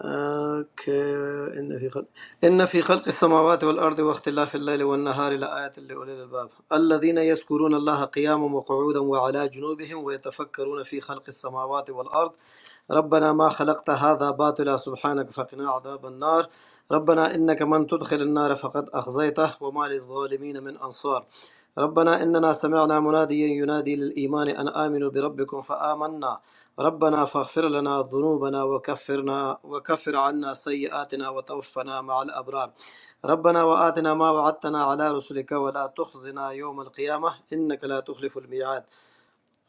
[SPEAKER 7] اوكي ان في خلق ان في خلق السماوات والارض واختلاف الليل والنهار لايات لاولي الالباب الذين يذكرون الله قياما وقعودا وعلى جنوبهم ويتفكرون في خلق السماوات والارض ربنا ما خلقت هذا باطلا سبحانك فقنا عذاب النار ربنا انك من تدخل النار فقد اخزيته وما للظالمين من انصار ربنا اننا سمعنا مناديا ينادي للايمان ان امنوا بربكم فامنا ربنا فاغفر لنا ذنوبنا وكفرنا وكفر عنا سيئاتنا وتوفنا مع الأبرار ربنا وآتنا ما وعدتنا على رسلك ولا تخزنا يوم القيامة إنك لا تخلف الميعاد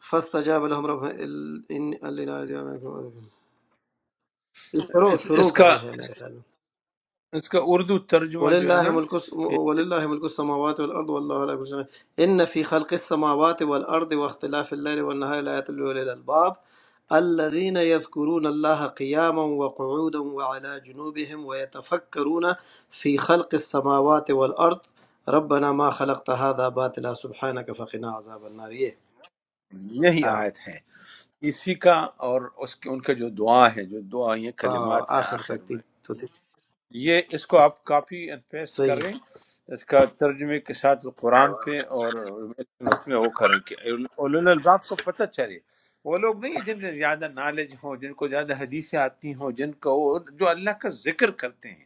[SPEAKER 7] فاستجاب لهم رب ال... ان... شروع
[SPEAKER 1] اس
[SPEAKER 7] شروع
[SPEAKER 1] اس
[SPEAKER 7] کا
[SPEAKER 1] کا
[SPEAKER 7] جو ہے میرے خیال میں
[SPEAKER 1] اس کا اردو ترجمہ جو ہے
[SPEAKER 7] ولله
[SPEAKER 1] نا
[SPEAKER 7] ملك الس- ولله ملك السماوات والأرض والله على كل شيء إن في خلق السماوات والأرض واختلاف الليل والنهار لآيات لأولي الألباب الذين يذكرون الله قياما وقعودا وعلى جنوبهم ويتفكرون في خلق السماوات والأرض ربنا ما خلقت هذا باطلا سبحانك فقنا عذاب النار ये
[SPEAKER 1] یہ- یہی
[SPEAKER 7] हाँ
[SPEAKER 1] آیت ہے اسی کا اور اس کے ان کا جو دعا ہے جو دعا یہ
[SPEAKER 7] हाँ,
[SPEAKER 1] کلمات ہیں
[SPEAKER 7] आखिर
[SPEAKER 1] آخر
[SPEAKER 7] तक तीन
[SPEAKER 1] میں
[SPEAKER 7] तो तीन
[SPEAKER 1] یہ اس کو آپ کاپی اینڈ پیسٹ
[SPEAKER 7] सही है
[SPEAKER 1] کریں اس کا ترجمے کے ساتھ قرآن پہ اور اس میں وہ کریں کہ اولین الباب کو پتہ چلے وہ لوگ نہیں ہیں جن میں زیادہ نالج ہو جن کو زیادہ حدیثیں آتی ہوں جن کو وہ- جو اللہ کا ذکر کرتے ہیں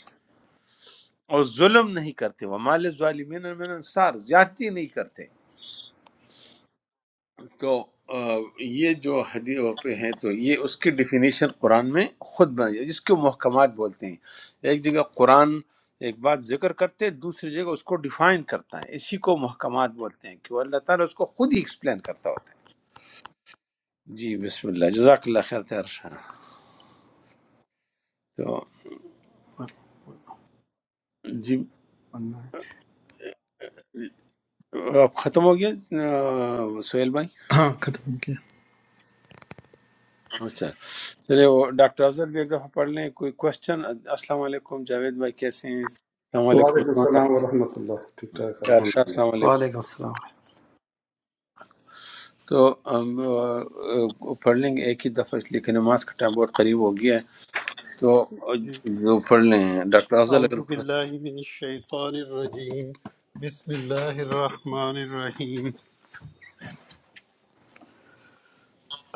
[SPEAKER 1] اور ظلم نہیں کرتے ومال ظالمین من انصار زیادتی نہیں کرتے تو آ، یہ جو حدیث پہ ہیں تو یہ اس کی ڈیفینیشن قرآن میں خود بنائی ہے، جس کو محکمات بولتے ہیں ایک جگہ قرآن ایک بات ذکر کرتے ہیں دوسری جگہ اس کو ڈیفائن کرتا ہے اسی کو محکمات بولتے ہیں کہ وہ اللہ تعالیٰ اس کو خود ہی ایکسپلین کرتا ہوتا ہے جی بسم اللہ جزاک اللہ خیر تیر شاہ۔ تو جی
[SPEAKER 7] والله।
[SPEAKER 1] اب ختم ہو گیا آ، سہیل بھائی
[SPEAKER 3] ہاں ختم ہو گیا
[SPEAKER 1] اچھا چلے وہ ڈاکٹر اظہر بھی ایک دفعہ پڑھ لیں کوئی کوشچن السلام علیکم جاوید بھائی کیسے ہیں السلام علیکم
[SPEAKER 8] وعلیکم
[SPEAKER 1] عثمان
[SPEAKER 8] السلام ورحمۃ اللہ ٹھیک ٹھاک
[SPEAKER 1] بھائی
[SPEAKER 8] الحمد
[SPEAKER 1] ارشا
[SPEAKER 8] للہ
[SPEAKER 1] السلام علیکم
[SPEAKER 7] वालेकुम अस्सलाम
[SPEAKER 1] تو ہم آ، پڑھ لیں گے ایک ہی دفعہ اس لیے کہ نماز کا ٹائم بہت قریب ہو گیا ہے تو آ،
[SPEAKER 4] جی
[SPEAKER 1] جو پڑھ لیں ڈاکٹر افضل
[SPEAKER 4] اعوذ
[SPEAKER 1] اگر پڑھ
[SPEAKER 4] باللہ من الشیطان الرجیم بسم اللہ الرحمن الرحیم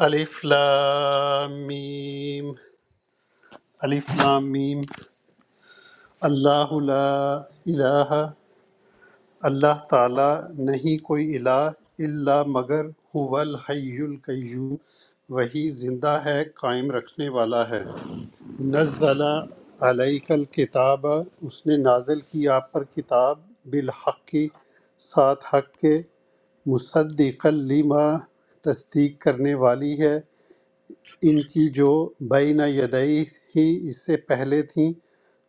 [SPEAKER 4] الف لام میم الف لام میم اللہ لا الہ اللہ تعالی نہیں کوئی الہ الا مگر هو الحی القیوم وہی زندہ ہے قائم رکھنے والا ہے نزل علیک الکتاب اس نے نازل کی آپ پر کتاب بالحق کی ساتھ حق کے مصدق لما تصدیق کرنے والی ہے ان کی جو بین یدئی ہی اس سے پہلے تھیں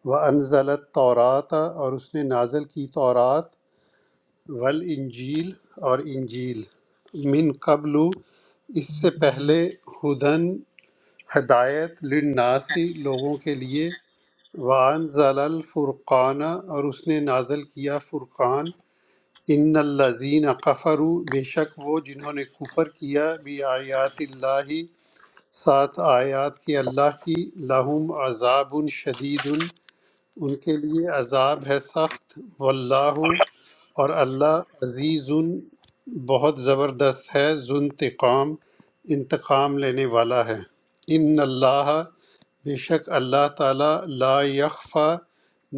[SPEAKER 4] وہ انزلت تورات اور اس نے نازل کی تورات ول انجیل اور انجیل من قبل اس سے پہلے ہدن ہدایت للناسی لوگوں کے لیے وَأَنزَلَ الْفُرْقَانَ اور اس نے نازل کیا فرقان ان الَّذِينَ كَفَرُوا بے شک وہ جنہوں نے کفر کیا بھی آیات اللہ سات آیات کے اللہ کی لہم عذاب شدید ان کے لیے عذاب ہے سخت واللہ اور اللہ عزیز بہت زبردست ہے ذو انتقام انتقام لینے والا ہے ان اللہ بے شک اللہ تعالیٰ لا یخفا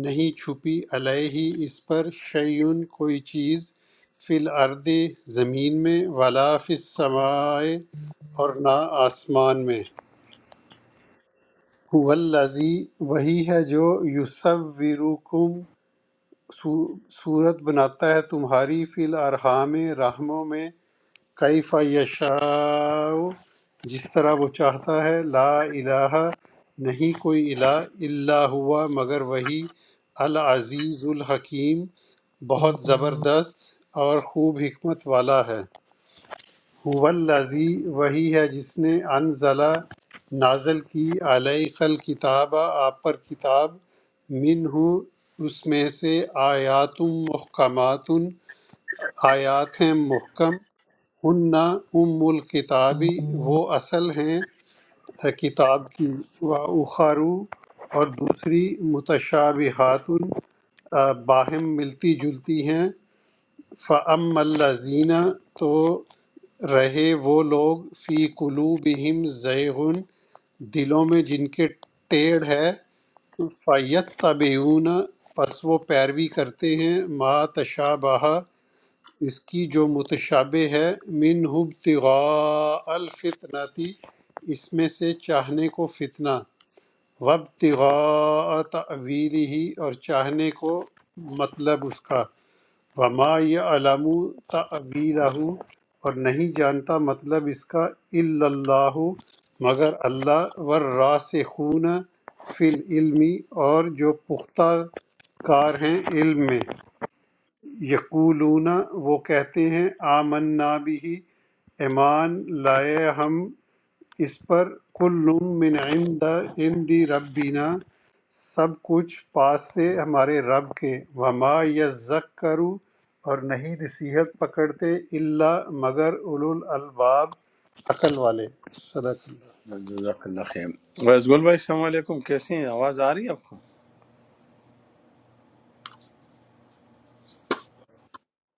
[SPEAKER 4] نہیں چھپی علیہ اس پر شیون کوئی چیز فی الارض زمین میں ولا فی السماء اور نہ آسمان میں هو الذی وہی ہے جو یصورکم صو- صورت بناتا ہے تمہاری فی الارحام رحموں میں کیف یشاء جس طرح وہ چاہتا ہے لا الہ نہیں کوئی الہ الا ہوا مگر وہی العزیز الحکیم بہت زبردست اور خوب حکمت والا ہے هو الذی وہی ہے جس نے انزلہ نازل کی علیہ الکتاب آپ پر کتاب منہ اس میں سے آیات محکمات آیات ہیں محکم ہن ام الکتابی وہ اصل ہیں کتاب کی و اخارو اور دوسری متشابہات باہم ملتی جلتی ہیں فَأَمَّا الَّذِينَ تو رہے وہ لوگ فی قلوبہم زیغن دلوں میں جن کے ٹیڑھ ہے فَيَتَّبِعُونَ پس وہ پیروی کرتے ہیں ما تشابہ اس کی جو متشابہ ہے من ابتغاء الفتنتی اس میں سے چاہنے کو فتنہ وابتغاء تأویلہ اور چاہنے کو مطلب اس کا وما یعلم تعبیرہ اور نہیں جانتا مطلب اس کا الا اللہ مگر اللہ والراسخون فی العلم اور جو پختہ کار ہیں علم میں یقولون وہ کہتے ہیں آمنا بھی ایمان لائے ہم اس پر کل من عند عند ربنا سب کچھ پاس سے ہمارے رب کے وما یذکر اور نہیں نصیحت پکڑتے اللہ مگر اولو الالباب عقل والے صدق اللہ
[SPEAKER 1] سکتے ہیں، جزاک اللہ خیر ویس گل بھائی السلام علیکم کیسے ہیں آواز آ رہی ہے آپ کو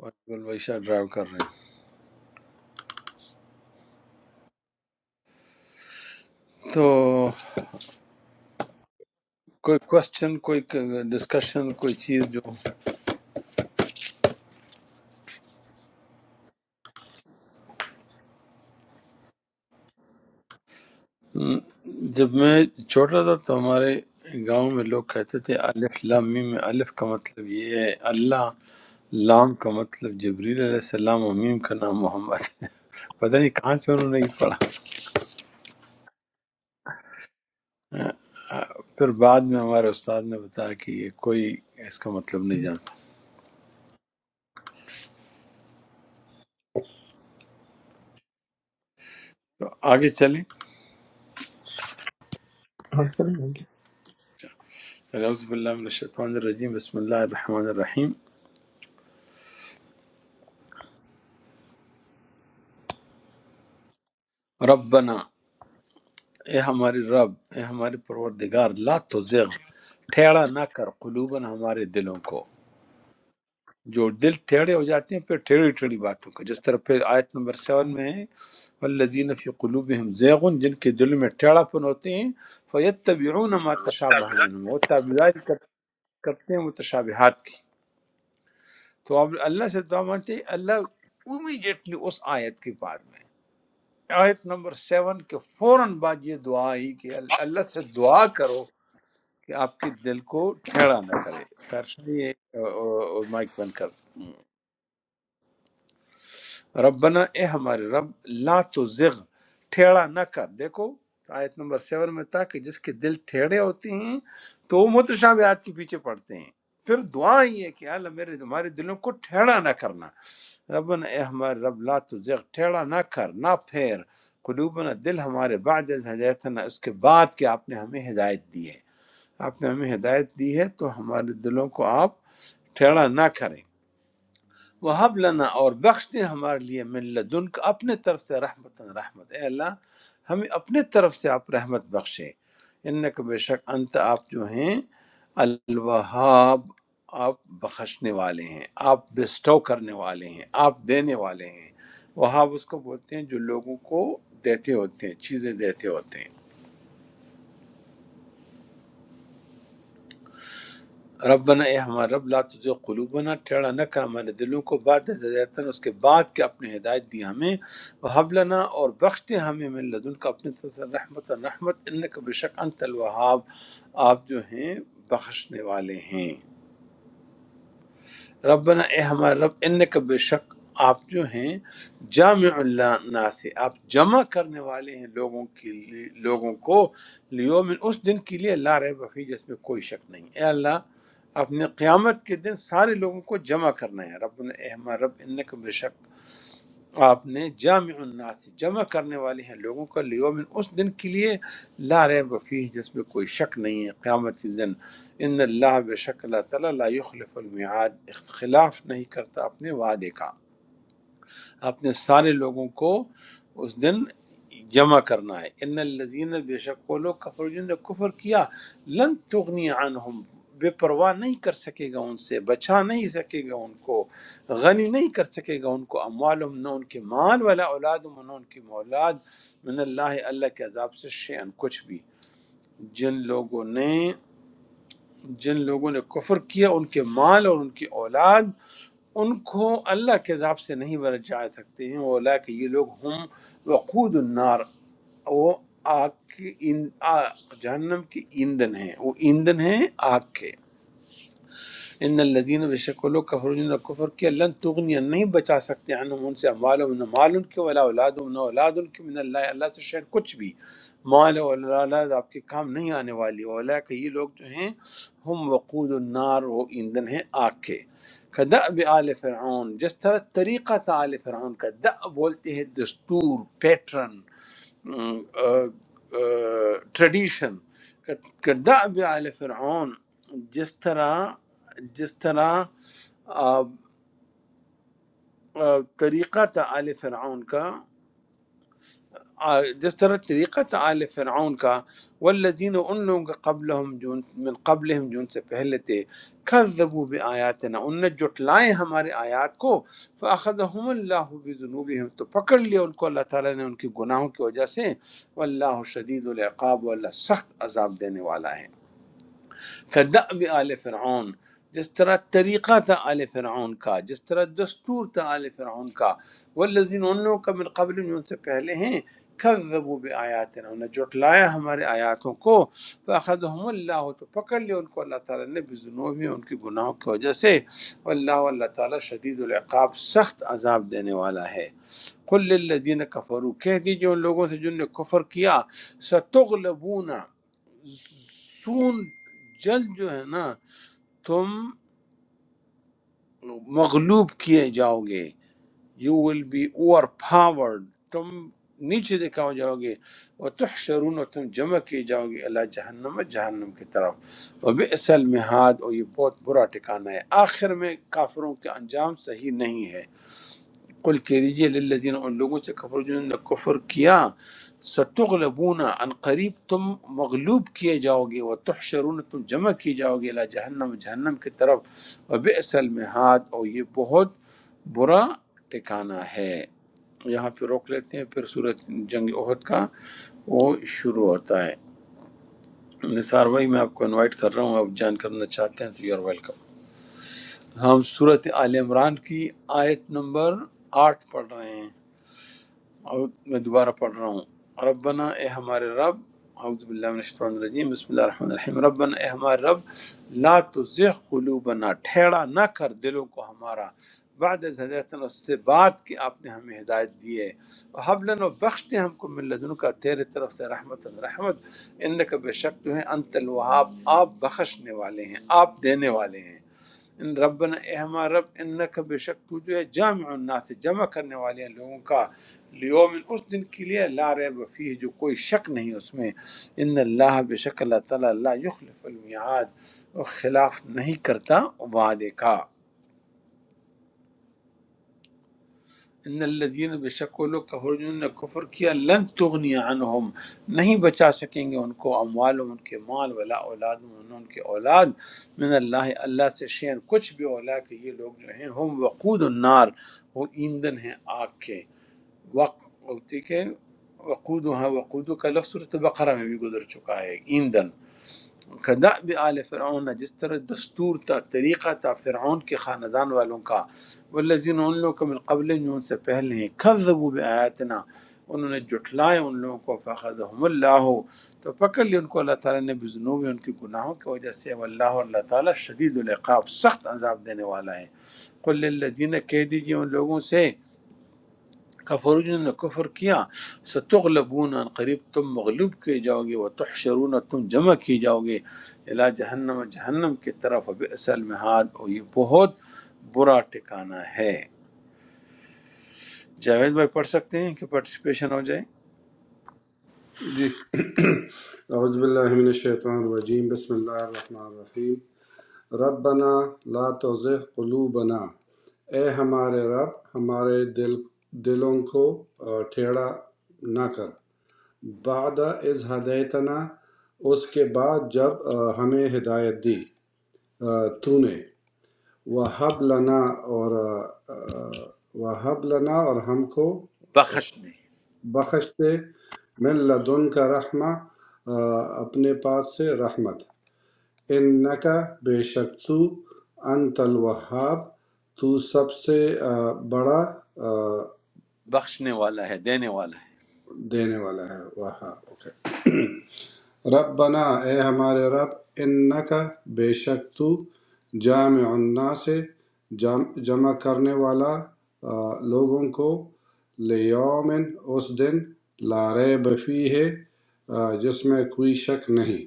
[SPEAKER 1] ویس گل بھائی شاید ڈرائیو کر رہے ہیں تو کوئی کوشچن کوئی ڈسکشن کوئی چیز جو ہم، جب میں چھوٹا تھا تو ہمارے گاؤں میں لوگ کہتے تھے الف لام میم میں الف کا مطلب یہ ہے اللہ لام کا مطلب جبریل علیہ السلام اور میم کا نام محمد ہے *laughs* پتہ نہیں کہاں سے انہوں نے یہ پڑھا *laughs* آ، آ، پھر بعد میں ہمارے استاد نے بتایا کہ یہ کوئی اس کا مطلب نہیں جانتا تو آگے چلیں
[SPEAKER 3] اور ختم ہو گیا
[SPEAKER 1] اعوذ باللہ من الشیطان الرجیم بسم اللہ الرحمن الرحیم ربنا اے ہمارے رب اے ہمارے پروردگار لا تزغ ٹھیڑا نہ کر قلوباً ہمارے دلوں کو جو دل ٹھیڑے ہو جاتے ہیں پھر ٹھیڑی ٹھیڑی باتوں کا جس طرح پھر آیت نمبر سیون میں ہے والذین فی قلوبہم زیغن جن کے دل میں ٹیڑھا پن ہوتے ہیں فیتبعون ما تشابہ منہم وہ تابعداری کر- کرتے ہیں متشابہات کی تو آپ اللہ سے دعا مانتے ہیں اللہ امیڈیٹلی اس آیت کے بعد میں آیت نمبر سیون کے فوراً بعد یہ دعا آئی کہ اللہ سے دعا کرو کہ آپ کے دل کو ٹھیڑا نہ کرے ترشا یہ آ، آ، آ، مائک بند کر دیں۔ ربنا اے ہمارے رب لا تو زغ ٹھیڑا نہ کر دیکھو آیت نمبر سیون میں تھا کہ جس کے دل ٹھیڑے ہوتے ہیں تو وہ متشابہات کے پیچھے پڑتے ہیں پھر دعا یہ ہے کہ اللہ میرے ہمارے دلوں کو ٹھیڑا نہ کرنا ربنا اے ہمارے رب لا تو زغ ٹھیڑا نہ کر نہ پھیر قلوبنا دل ہمارے بعد از ہدایتنا اس کے بعد کہ آپ نے ہمیں ہدایت دی ہے آپ نے ہمیں ہدایت دی ہے تو ہمارے دلوں کو آپ ٹھیڑا نہ کریں وہ لنا اور بخش دیں ہمارے لیے من لدن کا اپنے طرف سے رحمت رحمت اے اللہ ہمیں اپنے طرف سے آپ رحمت بخشے ان کا بے شک انت آپ جو ہیں الوہاب آپ بخشنے والے ہیں آپ بسٹو کرنے والے ہیں آپ دینے والے ہیں وہاب اس کو بولتے ہیں جو لوگوں کو دیتے ہوتے ہیں چیزیں دیتے ہوتے ہیں ربنا اے ہمارا رب لا تجھے قلوبنا ٹیڑا نہ کر ہمارے دلوں کو بعد از ہدایتنا اس کے بعد کہ اپنے ہدایت دی ہمیں وحب لنا اور بخش دے ہمیں من لدن کا اپنے طرف سے رحمت رحمت انکا بشک انت الوہاب آپ جو ہیں بخشنے والے ہیں ربنا اے ہمارے رب ان کا بے شک آپ جو ہیں جامع اللہ ناس آپ جمع کرنے والے ہیں لوگوں کے لیے لوگوں کو لیوم اس دن کے لیے لا رہے بفی جس میں کوئی شک نہیں اے اللہ اپنے قیامت کے دن سارے لوگوں کو جمع کرنا ہے رب اے ہمارے رب ان کا بے شک آپ نے جامع الناس جمع کرنے والے ہیں لوگوں کا لیومن اس دن کے لیے لا ریب فیہ جس میں کوئی شک نہیں ہے قیامت کے دن ان اللہ بے شک اللہ تعالیٰ لا یخلف المعاد اختلاف نہیں کرتا اپنے وعدے کا اپنے سارے لوگوں کو اس دن جمع کرنا ہے ان الذین بے شک وہ لوگ کفر جن نے کفر کیا لن تغنی عنہم بے پرواہ نہیں کر سکے گا ان سے بچا نہیں سکے گا ان کو غنی نہیں کر سکے گا ان کو اموالم نہ ان کے مال والا اولاد نہ ان کی مولاد من اللہ اللہ کے عذاب سے شیئن کچھ بھی جن لوگوں نے جن لوگوں نے کفر کیا ان کے مال اور ان کی اولاد ان کو اللہ کے عذاب سے نہیں بچا سکتے ہیں اولا کہ یہ لوگ ہم وقود النار وہ آگ کی ایند- آ- جہنم کی ایندھن ہیں وہ ایندھن ہیں آگ کے ان الذین بشکلوا کفروا جنہوں نے کفر کیا لن تغنی نہیں بچا سکتے عنہم ان سے اموالهم نہ مال ان کے ولا اولادهم نہ اولاد ان کے من اللہ اللہ سے شاید کچھ بھی مال و اولاد آپ کے کام نہیں آنے والی اولا کہ یہ لوگ جو ہیں ہم وقود النار وہ ایندھن ہیں آگ کے کدأب آل فرعون جس طرح طریقہ تھا آل فرعون کا دأ بولتے ہیں دستور پیٹرن ٹریڈیشن کدعب آل فرعون جس طرح جس طرح آ، آ، طریقہ تھا آل فرعون کا آ، جس طرح طریقہ تھا آل فرعون کا والذین ان لوگوں کے قبلہم جون من قبلہم جون سے پہلے تھے کذبوا بآیاتنا ان نے جٹلائے ہمارے آیات کو فاخذہم اللہ بذنوبہم تو پکڑ لیا ان کو اللہ تعالیٰ نے ان کے گناہوں کی وجہ سے واللہ شدید العقاب واللہ سخت عذاب دینے والا ہے كدأب آل فرعون جس طرح طریقہ تھا آل فرعون کا جس طرح دستور تھا آل فرعون کا والذین ان لوگوں کا من قبل جو ان سے پہلے ہیں کذبوا بآیاتنا انہوں نے جھٹلایا ہمارے آیاتوں کو فأخذهم اللہ تو پکڑ لیا ان کو اللہ تعالیٰ نے بذنوبی ان کی گناہوں کی وجہ سے واللہ اللہ تعالیٰ شدید العقاب سخت عذاب دینے والا ہے کل الذین کفروا کہہ دیجئے ان لوگوں سے جن نے کفر کیا ستغلبون سون جلد جو ہے نا تم مغلوب کیے جاؤ گے you will be overpowered تم نیچے دکھاؤ جاؤ گے اور تحشرون اور تم جمع کیے جاؤ گے اللہ جہنم جہنم کی طرف اور بے اصل اور یہ بہت برا ٹھکانہ ہے آخر میں کافروں کے انجام صحیح نہیں ہے قل کہہ دیجئے للذین ان لوگوں سے کفر جنہوں نے کفر کیا ستغلبون ان قریب تم مغلوب کیے جاؤ گے و تحشرون تم جمع کیے جاؤ گے الى جہنم جہنم کی طرف و بئس المہاد اور یہ بہت برا ٹھکانہ ہے یہاں پہ روک لیتے ہیں پھر صورت جنگ احد کا وہ شروع ہوتا ہے نثار بھائی میں آپ کو انوائٹ کر رہا ہوں آپ جان کرنا چاہتے ہیں تو یو آر ویلکم ہم صورت آل عمران کی آیت نمبر آٹھ پڑھ رہے ہیں اور میں دوبارہ پڑھ رہا ہوں ربنا اے ہمارے رب اعوذ باللہ من الشیطان الرجیم بسم اللہ الرحمن الرحیم ربنا اے ہمارے رب لا تزغ قلوبنا ٹھیڑا نہ کر دلوں کو ہمارا بعد از ہدایتنا اس سے بعد کہ آپ نے ہمیں ہدایت دی ہے وہب لنا و بخش دے ہم کو من لدن کا تیرے طرف سے رحمت رحمت انکا بے شک تو ہیں انت الوہاب آپ بخشنے والے ہیں آپ دینے والے ہیں ان ربنا اے ہمارا رب انک بے شک تو جو ہے جامع الناس جمع کرنے والے ہیں لوگوں کا لیوم اس دن کے لیے لا ریب فیہ جو کوئی شک نہیں اس میں ان اللہ بے شک اللہ تعالیٰ لا یخلف المیعاد وہ خلاف نہیں کرتا وعدے کا ان الذین بے شک وہ لوگ کفر جنہوں نے کفر کیا لن تغنی عنہم نہیں بچا سکیں گے ان کو اموال ان کے مال ولا اولاد ان ان کے اولاد من اللہ اللہ سے شین کچھ بھی اولا کہ یہ لوگ جو ہیں ہم وقود النار وہ ایندھن ہیں آگ کے وقت ٹھیک ہے وقود ہاں وقود کا لفظ صورت بقرہ میں بھی گزر چکا ہے ایندھن کداب آل فرعون جس طرح دستور تھا طریقہ تھا فرعون کے خاندان والوں کا والذین ان لوگوں کو من قبل جو ان سے پہلے ہیں کذبوا بآیاتنا انہوں نے جھٹلائے ان لوگوں کو فخذہم اللہ تو پکڑ لی ان کو اللہ تعالیٰ نے بزنوب ان کی گناہوں کی وجہ سے واللہ اللہ تعالیٰ شدید العقاب سخت عذاب دینے والا ہے قل للذین کہہ دیجئے ان لوگوں سے کفر جنہوں نے کفر کیا ستغلبون ان قریب تم مغلوب کیے جاؤ گے وتحشرون تم جمع کیے جاؤ گے الا جہنم جہنم کی طرف بئس المہاد اور یہ بہت برا ٹھکانہ ہے جاوید بھائی پڑھ سکتے ہیں کہ پارٹیسپیشن ہو جائے
[SPEAKER 8] جی اعوذ باللہ من الشیطان الرجیم بسم اللہ الرحمن الرحیم ربنا لا تزغ قلوبنا اے ہمارے رب ہمارے دل دلوں کو آ، ٹھیڑا نہ کر بعد از ہدایتنا اس کے بعد جب آ، ہمیں ہدایت دی آ، تو نے وہب لنا اور آ، آ، وہب لنا اور ہم کو
[SPEAKER 1] بخشنے
[SPEAKER 8] بخش دے من لدن کا رحمہ آ، اپنے پاس سے رحمت انکا بے شک تو انت الوہاب تو سب سے آ، بڑا آ،
[SPEAKER 1] بخشنے والا ہے دینے والا ہے
[SPEAKER 8] دینے والا ہے وہاب اوکے ربنا اے ہمارے رب انکا بے شک تو جامع الناس جام- جمع کرنے والا آ، لوگوں کو لیومن اس دن لا ریب فی ہے آ، جس میں کوئی شک نہیں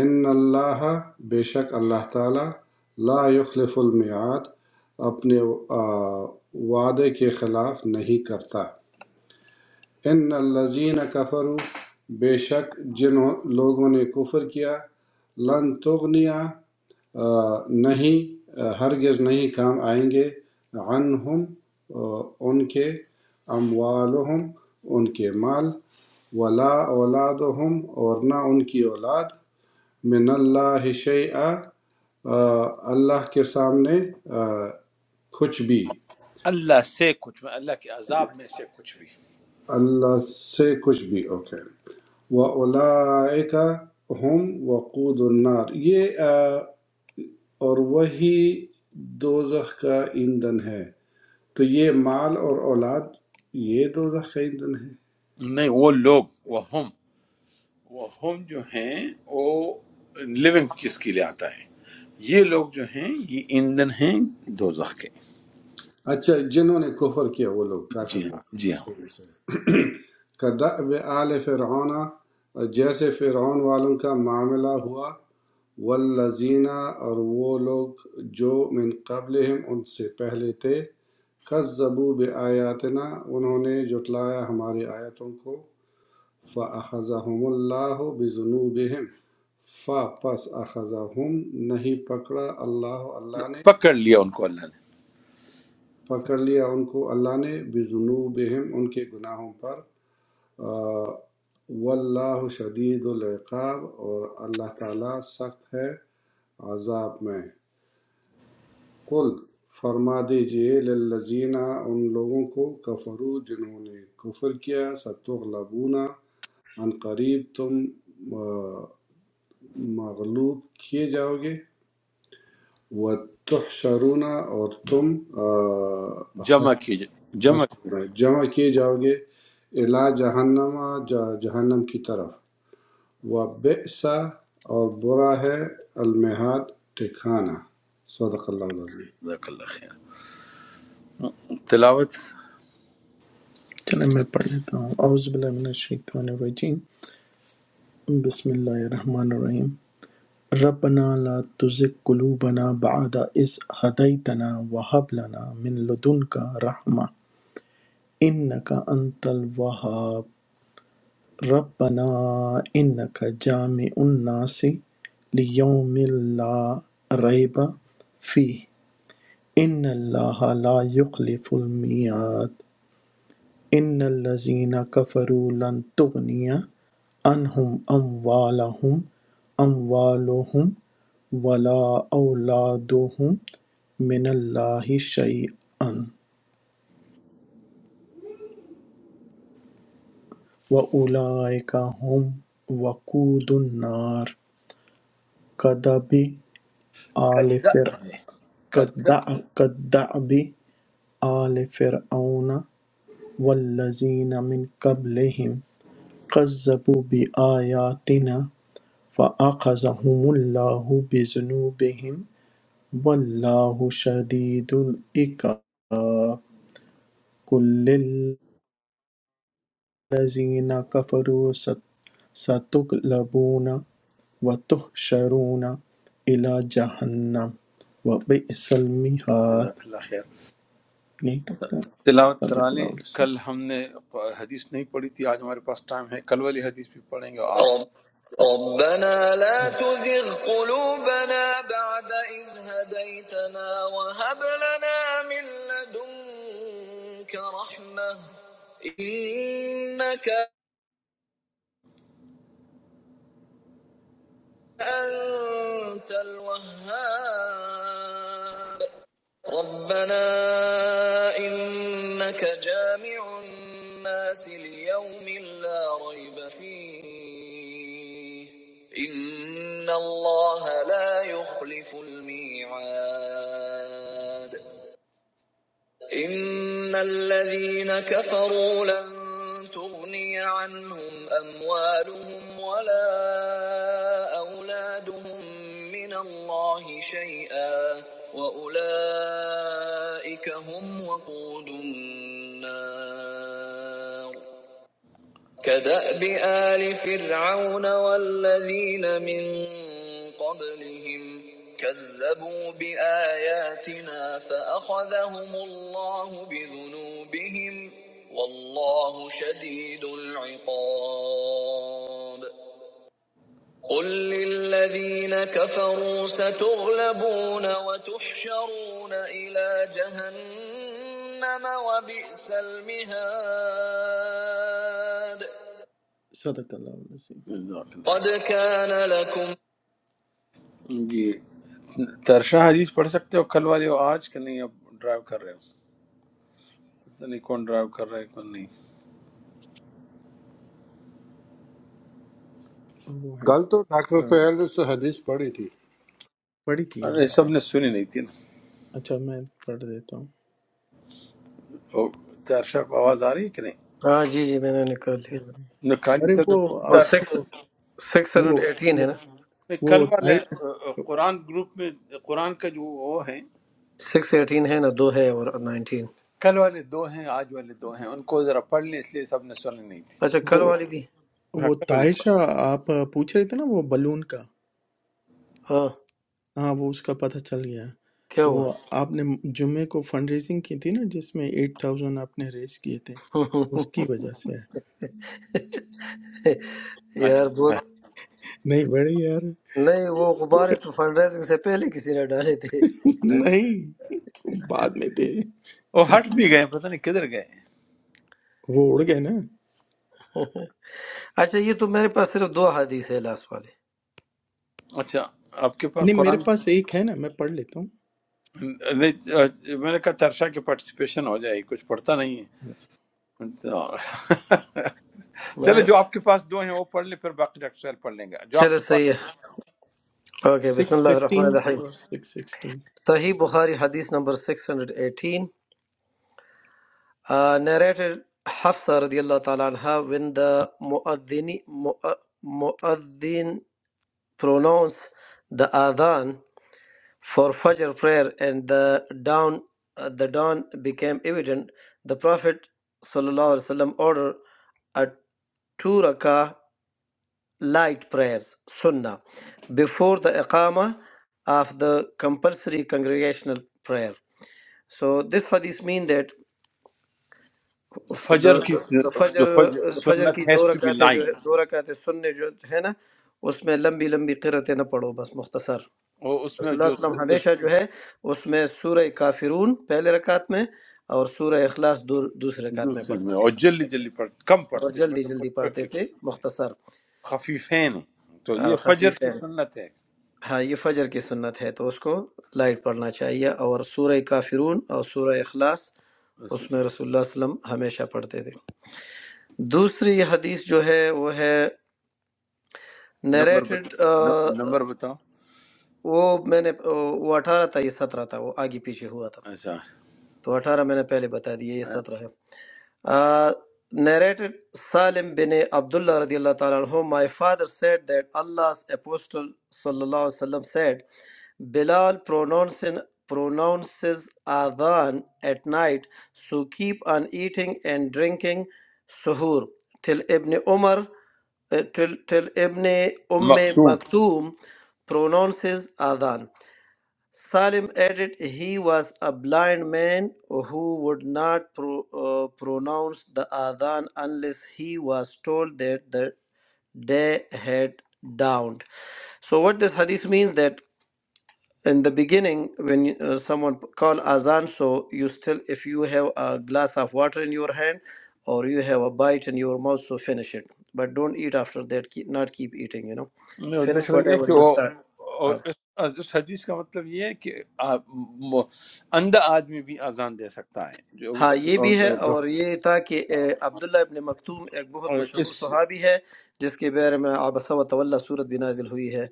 [SPEAKER 8] ان اللہ بے شک اللہ تعالی لا یخلف المیعاد اپنے آ، وعدے کے خلاف نہیں کرتا ان الذین کفروا بے شک جن لوگوں نے کفر کیا لن تغنیا آ، نہیں آ، ہرگز نہیں کام آئیں گے عنہم آ، ان کے اموالہم ان کے مال ولا اولادہم اور نہ ان کی اولاد من اللہ شیعہ اللہ کے سامنے آ، کچھ بھی
[SPEAKER 1] اللہ سے کچھ بھی اللہ کے عذاب میں سے کچھ بھی
[SPEAKER 8] اللہ سے کچھ بھی اوکے okay. وَأُولَٰئِکَ هُمْ وَقُودُ النَّارِ یہ آ، اور وہی دوزخ کا ایندھن ہے تو یہ مال اور اولاد یہ دوزخ کا ایندھن ہے
[SPEAKER 1] نہیں وہ لوگ وہ ہم وہ ہم جو ہیں وہ لیونگ چیز کے لیے آتا ہے یہ لوگ جو ہیں یہ ایندھن ہیں دوزخ کے
[SPEAKER 8] اچھا جنہوں نے کفر کیا وہ لوگ کافر
[SPEAKER 1] جی
[SPEAKER 8] لوگ
[SPEAKER 1] ہاں جی ہاں
[SPEAKER 8] صحیح صحیح کدأب آل فرعون جیسے فرعون والوں کا معاملہ ہوا والذین اور وہ لوگ جو من قبلہم ان سے پہلے تھے کذبوا بآیاتنا انہوں نے جٹلایا ہماری آیتوں کو فَأَخَذَهُمُ اللَّهُ بِذُنُوبِهِمْ فا پس اخذہم نہیں پکڑا اللہ اللہ نے
[SPEAKER 1] پکڑ لیا ان کو اللہ نے
[SPEAKER 8] پکڑ لیا ان کو اللہ نے بذنوبہم ان کے گناہوں پر واللہ شدید العقاب اور اللہ تعالیٰ سخت ہے عذاب میں قل فرما دیجئے للذین ان لوگوں کو کفرو جنہوں نے کفر کیا ستغلبون ان قریب تم آ، مغلوب کیے جاؤ گے وتحشرون اور تم آ،
[SPEAKER 1] جمع
[SPEAKER 8] حش-
[SPEAKER 1] کیے جمع
[SPEAKER 8] حشر
[SPEAKER 1] کیے
[SPEAKER 8] میں جمع کیے جاؤ گے الا جہنم جا- جہنم کی طرف و بئسا اور برا ہے المہاد ٹھکانہ صدق اللہ العظیم
[SPEAKER 1] جزاک اللہ خیر تلاوت
[SPEAKER 3] چلیں میں پڑھ لیتا ہوں اعوذ باللہ من الشیطان الرجیم بسم اللہ الرحمن الرحیم ربنا لا تزغ قلوبنا بعد إذ هديتنا وهب لنا من لدنك رحمة إنك أنت الوهاب ربنا انك جامع الناس لیوم لا ریب فیہ ان اللہ لا یخلف المیعاد ان الذین کفروا لن تغنی عنہم اموالہم اموالہم ولا اولادہم من اللہ شیئا واولئک ہم وقود النار کدب آل
[SPEAKER 1] کدعب
[SPEAKER 3] فرعون
[SPEAKER 1] ہے کدعب
[SPEAKER 3] كالدأب آل فرعون والذين من قبلهم كذبوا بآياتنا فأخذهم الله بذنوبهم والله شديد العقاب كل الذين كفروا ست- ستغلبون وتحشرون إلى جهنم وبئس المهاد
[SPEAKER 1] جزاک اللہ خیر
[SPEAKER 3] نہیں تک تھا
[SPEAKER 1] تلاوت کرا
[SPEAKER 3] صدق
[SPEAKER 1] لیں
[SPEAKER 3] اللہ علیہ وسلم.
[SPEAKER 1] کل ہم نے حدیث نہیں پڑھی تھی آج ہمارے پاس ٹائم ہے کل والی حدیث بھی پڑھیں گے اور آج
[SPEAKER 3] رب- ربنا لا تزغ قلوبنا بعد إذ هديتنا وهب لنا من لدنك رحمة إنك أنت الوهاب ربنا إنك جامع الناس ليوم لا ريب فيه إن الله لا يخلف الميعاد إن الذين كفروا لن تغني عنهم أموالهم ولا أولادهم من الله شيئا وأولئك هم وقود النار كدأب آل فرعون والذين من قبلهم كذبوا بآياتنا فأخذهم الله بذنوبهم والله شديد العقاب قل للذين كفروا ستغلبون وتحشرون إلى جهنم وبئس المهاد صدق اللہ العظیم
[SPEAKER 1] جزاک اللہ
[SPEAKER 3] قد کان لکم
[SPEAKER 1] خیر جی ترشا حدیث پڑھ سکتے ہو کل والی اور آج کل نہیں اب ڈرائیو کر رہے ہو پتہ نہیں کون ڈرائیو کر رہا ہے کون نہیں
[SPEAKER 3] وہ ہے نا
[SPEAKER 8] کل تو ڈاکٹر
[SPEAKER 3] آ،
[SPEAKER 8] سہیل نے اس سے حدیث پڑھی تھی
[SPEAKER 3] پڑھی تھی ہم
[SPEAKER 1] ارے
[SPEAKER 3] نے۔
[SPEAKER 1] سب نے سنی نہیں تھی نا
[SPEAKER 3] اچھا میں پڑھ دیتا ہوں
[SPEAKER 1] تو تیرشا کو آواز آ رہی ہے کہ نہیں
[SPEAKER 7] हाँ जी जी मैंने निकाल
[SPEAKER 3] وہ
[SPEAKER 7] लिया
[SPEAKER 3] ہے۔
[SPEAKER 1] نہ کالی
[SPEAKER 3] ارے
[SPEAKER 1] تر
[SPEAKER 3] وہ
[SPEAKER 7] और
[SPEAKER 3] آپ
[SPEAKER 1] تر-
[SPEAKER 3] کو
[SPEAKER 7] सिक्स सिक्स
[SPEAKER 3] وہ
[SPEAKER 7] हंड्रेड एटीन
[SPEAKER 3] وہ
[SPEAKER 7] है ना
[SPEAKER 1] نہیں،
[SPEAKER 3] وہ
[SPEAKER 1] کل والے آ، آ،
[SPEAKER 3] طاہر-
[SPEAKER 1] قرآن گروپ میں قرآن کا جو وہ ہے
[SPEAKER 7] سکس ایٹین ہے نا دو ہے اور نائنٹین
[SPEAKER 1] کل والے دو ہیں آج والے دو ہیں ان کو ذرا پڑھ لیں اس لیے سب نے سنی نہیں تھی
[SPEAKER 7] اچھا
[SPEAKER 3] وہ
[SPEAKER 7] کل والی بھی
[SPEAKER 1] ہاں
[SPEAKER 3] وہ
[SPEAKER 1] کرو جی
[SPEAKER 3] طاہشہ آپ پوچھ رہے تھے نا وہ بلون کا
[SPEAKER 7] ہاں
[SPEAKER 3] ہاں وہ اس کا پتہ چل گیا
[SPEAKER 7] کیا
[SPEAKER 3] وہ
[SPEAKER 7] ہوا
[SPEAKER 3] آپ نے جمعے کو فنڈ ریزنگ کی تھی نا جس میں ایٹ تھاؤزینڈ آپ نے ریز کیے تھے اس
[SPEAKER 7] *laughs*
[SPEAKER 3] کی وجہ سے ہے۔
[SPEAKER 7] یار
[SPEAKER 1] اچھا۔
[SPEAKER 7] بہت
[SPEAKER 3] نہیں بڑے یار
[SPEAKER 7] نہیں وہ غبار تو فنڈ ریزنگ سے پہلے کسی نے ڈالے تھے
[SPEAKER 3] *laughs*
[SPEAKER 1] ہاں۔
[SPEAKER 3] نہیں بعد میں تھے
[SPEAKER 1] وہ ہٹ بھی گئے پتہ نہیں کدھر گئے ہیں۔
[SPEAKER 3] وہ اڑ گئے نا
[SPEAKER 7] اچھا یہ تو میرے پاس صرف دو حدیث ہے لاسٹ والے
[SPEAKER 1] اچھا آپ کے پاس
[SPEAKER 3] نہیں میرے
[SPEAKER 1] قرآن
[SPEAKER 3] پاس ایک ہے نا میں پڑھ لیتا ہوں
[SPEAKER 1] نہیں، آ، میں نے کہا ترشا کے پارٹیسپیشن ہو جائے کچھ پڑھتا نہیں ہے تو چلے
[SPEAKER 7] میں
[SPEAKER 1] جو آپ کے پاس دو ہیں وہ پڑھ لیں پھر باقی ڈاکٹر سہیل پڑھ لیں گے جو آپ
[SPEAKER 7] چلو
[SPEAKER 1] کے
[SPEAKER 7] صحیح
[SPEAKER 1] پاس
[SPEAKER 7] ہے
[SPEAKER 1] ہیں
[SPEAKER 7] اوکے بسم
[SPEAKER 3] سکس
[SPEAKER 7] اللہ الرحمن
[SPEAKER 3] ففٹین
[SPEAKER 7] الرحیم
[SPEAKER 3] اور سکس سکسٹین
[SPEAKER 7] صحیح بخاری حدیث نمبر 618 uh, narrated Hafsa رضی اللہ تعالی عنہ when the muadhin muadhin pronounced the adhan for Fajr prayer and the dawn, uh, the dawn became evident, the Prophet sallallahu alaihi wasallam ordered a two rakah light prayers, sunnah, before the iqama of the compulsory congregational prayer. So this hadith mean that f-
[SPEAKER 1] فجر
[SPEAKER 7] the
[SPEAKER 1] کی
[SPEAKER 7] the the
[SPEAKER 1] س- جو
[SPEAKER 7] fajr
[SPEAKER 1] فجر
[SPEAKER 7] uh, fajr
[SPEAKER 1] سنت
[SPEAKER 7] की
[SPEAKER 1] ہیز
[SPEAKER 7] दो
[SPEAKER 1] ٹو بی
[SPEAKER 7] रकातें जो
[SPEAKER 1] لائٹ
[SPEAKER 7] है दो रकातें सुन्ने जो है ना उसमें लंबी लंबी क़िरतें ना पढ़ो बस मुख्तसर
[SPEAKER 1] اور اس میں
[SPEAKER 7] رسول اللہ
[SPEAKER 1] جو
[SPEAKER 7] صلی اللہ علیہ وسلم
[SPEAKER 1] اس
[SPEAKER 7] ہمیشہ جو ہے اس میں سورہ کافرون پہلے رکعت میں اور سورہ اخلاص دو- دوسرے رکعت میں
[SPEAKER 1] دوسرے
[SPEAKER 7] پڑھتے
[SPEAKER 1] میں
[SPEAKER 7] تھے
[SPEAKER 1] اور جلدی
[SPEAKER 7] ہمیشہ ہی۔
[SPEAKER 1] جلدی پڑھ کم
[SPEAKER 7] اور
[SPEAKER 1] پڑھتے ہیں
[SPEAKER 7] جلدی
[SPEAKER 1] مطلب
[SPEAKER 7] جلدی پڑھتے
[SPEAKER 1] moderately پڑھتے
[SPEAKER 7] تھے
[SPEAKER 1] ہیں۔
[SPEAKER 7] مختصر
[SPEAKER 1] خفیفین ہیں تو
[SPEAKER 7] آ،
[SPEAKER 1] یہ فجر
[SPEAKER 7] خفیف ہے
[SPEAKER 1] کی سنت ہے
[SPEAKER 7] ہاں یہ فجر کی سنت ہے تو اس کو لائٹ پڑھنا چاہیے اور سورہ کافرون اور سورہ اخلاص
[SPEAKER 1] اس میں
[SPEAKER 7] اس میں رسول اللہ صلی اللہ علیہ وسلم ہمیشہ پڑھتے تھے دوسری حدیث جو ہے وہ ہے
[SPEAKER 1] نمبر بتا
[SPEAKER 7] نیریٹڈ
[SPEAKER 1] ن- نمبر بتاؤ
[SPEAKER 7] وہ میں نے آ، وہ اٹھارہ تھا یہ سترہ تھا وہ آگے پیچھے ہوا تھا
[SPEAKER 1] اچھا
[SPEAKER 7] تو اٹھارہ میں نے پہلے بتا دیا یہ سترہ ہے narrated Salim bin Abdullah radiallahu ta'ala anhu, my father said that Allah's apostle sallallahu alaihi wasallam said, Bilal pronouncing, pronounces adhan at night, so keep on eating and drinking suhoor till Ibn Umar, uh, till, till Ibn Umm
[SPEAKER 1] مختوم
[SPEAKER 7] Maktoum pronounces adhan. Salim added he was a blind man who would not pro- uh, pronounce the adhan unless he was told that the day had dawned. So, what this hadith means that in the beginning, when you- uh, someone call adhan, so you still, if you have a glass of water in your hand or you have a bite in your mouth, so finish it. But don't eat after that. Keep, not keep eating. You know,
[SPEAKER 1] نہیں، اور
[SPEAKER 7] finish
[SPEAKER 1] دوسرا یہ ہے
[SPEAKER 7] whatever
[SPEAKER 1] کہ
[SPEAKER 7] you
[SPEAKER 1] وہ
[SPEAKER 7] start.
[SPEAKER 1] اور
[SPEAKER 7] Uh,
[SPEAKER 1] اس اس- اس حدیث کا مطلب یہ ہے کہ آ- م- اندھا آدمی بھی اذان دے سکتا ہے
[SPEAKER 7] ہاں یہ بھی ہے
[SPEAKER 1] جو
[SPEAKER 7] اور یہ تھا کہ اے، عبداللہ ابن مکتوم ایک بہت
[SPEAKER 1] اور
[SPEAKER 7] مشہور
[SPEAKER 1] اس
[SPEAKER 7] صحابی ہے جس کے بارے میں عبس و طول صورت بھی نازل ہوئی ہے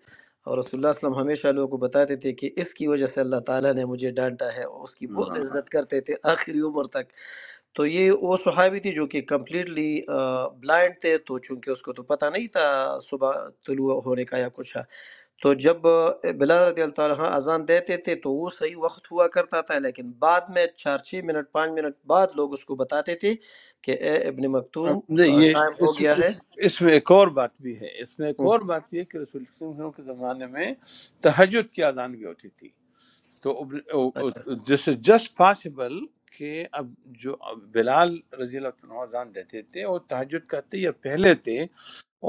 [SPEAKER 7] اور رسول اللہ صلی اللہ علیہ وسلم ہمیشہ لوگوں کو بتاتے تھے کہ اس کی وجہ سے اللہ تعالیٰ نے مجھے ڈانٹا ہے اور اس کی بہت
[SPEAKER 1] ہاں،
[SPEAKER 7] عزت کرتے تھے آخری عمر تک تو یہ وہ صحابی تھی جو کہ کمپلیٹلی بلائنڈ تھے تو چونکہ اس کو تو پتہ نہیں تھا صبح طلوع ہونے کا یا کچھ تو جب آ، بلال رضی اللہ تعالیٰ عنہ اذان دیتے تھے تو وہ صحیح وقت ہوا کرتا تھا لیکن بعد میں چار چھ منٹ پانچ منٹ بعد لوگ اس کو بتاتے تھے کہ اے ابن
[SPEAKER 1] آ،
[SPEAKER 7] مکتوم
[SPEAKER 1] نہیں
[SPEAKER 7] آ،
[SPEAKER 1] یہ
[SPEAKER 7] ٹائم
[SPEAKER 1] اس
[SPEAKER 7] ہو گیا
[SPEAKER 1] اس
[SPEAKER 7] ہے
[SPEAKER 1] اس میں ایک اور بات بھی ہے اس میں ایک
[SPEAKER 7] ہوں،
[SPEAKER 1] اور بات بھی ہے کہ رسول اللہ صلی اللہ علیہ وسلم کے زمانے میں تہجد کی اذان بھی ہوتی تھی
[SPEAKER 7] اچھا
[SPEAKER 1] تو دس از جسٹ پاسبل کہ اب جو اب بلال رضی اللہ تعالیٰ عنہ اذان دیتے تھے وہ تہجد کا تھے یا پہلے تھے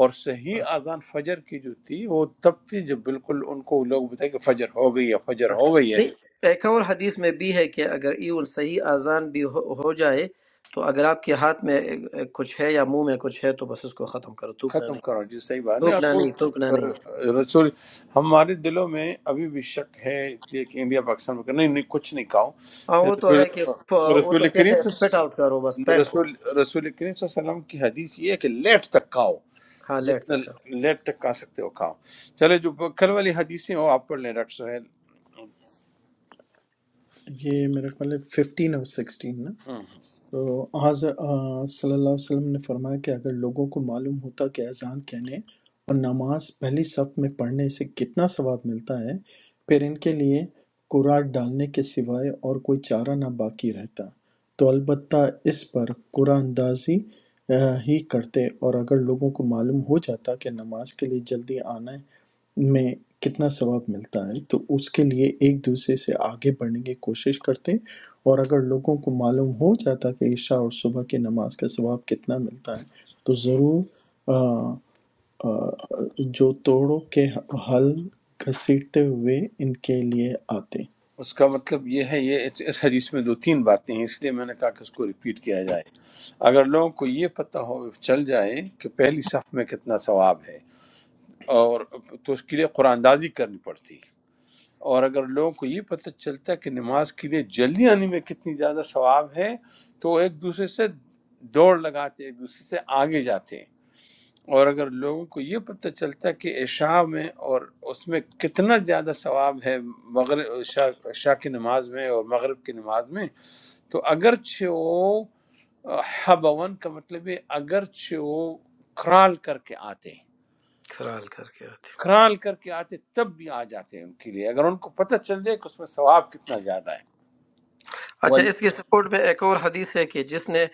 [SPEAKER 1] اور
[SPEAKER 7] ہاں،
[SPEAKER 1] صحیح اذان فجر کی جو تھی وہ تب تھی جب بالکل ان کو لوگ بتائے کہ فجر ہو گئی ہے فجر
[SPEAKER 7] ہاں۔
[SPEAKER 1] ہو گئی ہے
[SPEAKER 7] نہیں ایک اور حدیث میں بھی ہے کہ اگر ایون صحیح اذان بھی ہو ہو جائے تو اگر آپ کے ہاتھ میں اے، اے، کچھ ہے یا منہ میں کچھ ہے تو بس اس کو ختم کرو تھوکنا
[SPEAKER 1] ختم
[SPEAKER 7] نہیں
[SPEAKER 1] کرو جی صحیح بات نہیں اور
[SPEAKER 7] تھوکنا
[SPEAKER 1] وہ
[SPEAKER 7] نہیں تھوکنا
[SPEAKER 1] اور
[SPEAKER 7] نہیں ہے
[SPEAKER 1] رسول ہمارے دلوں میں ابھی بھی شک ہے اس لیے کہ انڈیا پاکستان میں کہ نہیں نہیں کچھ نہیں کہو
[SPEAKER 7] ہاں
[SPEAKER 1] کہ
[SPEAKER 7] وہ تو
[SPEAKER 1] رسول
[SPEAKER 7] ہے کہ آ، وہ تو
[SPEAKER 1] رسول
[SPEAKER 7] کہتے
[SPEAKER 1] کریم
[SPEAKER 7] ہیں اسپٹ
[SPEAKER 1] صلی-
[SPEAKER 7] آؤٹ کرو بس پین کو
[SPEAKER 1] رسول رسول کریم صلی اللہ علیہ وسلم کی حدیث یہ ہے کہ لیٹ تک کھاؤ
[SPEAKER 7] ہاں لیٹ
[SPEAKER 1] جتنا
[SPEAKER 7] تک کرو
[SPEAKER 1] لیٹ تک کھا سکتے ہو کھاؤ چلے جو کل والی حدیثیں ہو آپ پڑھ لیں ڈاکٹر سہیل
[SPEAKER 3] یہ میرا خیال ہے ففٹین اور سکسٹین نا تو حضر آ، صلی اللہ علیہ وسلم نے فرمایا کہ اگر لوگوں کو معلوم ہوتا کہ اذان کہنے اور نماز پہلی صف میں پڑھنے سے کتنا ثواب ملتا ہے پھر ان کے لیے قرآن ڈالنے کے سوائے اور کوئی چارہ نہ باقی رہتا تو البتہ اس پر قرآن اندازی آ، ہی کرتے اور اگر لوگوں کو معلوم ہو جاتا کہ نماز کے لیے جلدی آنا ہے میں کتنا ثواب ملتا ہے تو اس کے لیے ایک دوسرے سے آگے بڑھنے کی کوشش کرتے اور اگر لوگوں کو معلوم ہو جاتا کہ عشاء اور صبح کی نماز کا ثواب کتنا ملتا ہے تو ضرور آ، آ، جو توڑوں کے حل گھسیٹتے ہوئے ان کے لیے آتے
[SPEAKER 1] اس کا مطلب یہ ہے یہ اس حدیث میں دو تین باتیں ہیں اس لیے میں نے کہا کہ اس کو ریپیٹ کیا جائے اگر لوگوں کو یہ پتہ ہو چل جائے کہ پہلی صف میں کتنا ثواب ہے اور تو اس کے لیے قرآن اندازی کرنی پڑتی اور اگر لوگوں کو یہ پتہ چلتا ہے کہ نماز کے لیے جلدی آنے میں کتنی زیادہ ثواب ہے تو وہ ایک دوسرے سے دوڑ لگاتے ایک دوسرے سے آگے جاتے اور اگر لوگوں کو یہ پتہ چلتا کہ عشاء میں اور اس میں کتنا زیادہ ثواب ہے مغرب عشاء عشاء کی نماز میں اور مغرب کی نماز میں تو اگرچہ وہ آ، حبون کا مطلب ہے اگرچہ وہ کرال کر کے آتے ہیں
[SPEAKER 7] کھرال کر کے آتے ہیں۔
[SPEAKER 1] کرال کر کے آتے تب بھی آ جاتے ہیں ان کے لیے اگر ان کو پتہ چل جائے کہ اس میں ثواب کتنا زیادہ ہے وہ
[SPEAKER 7] اچھا اس کی سپورٹ میں ایک اور حدیث ہے کہ جس نے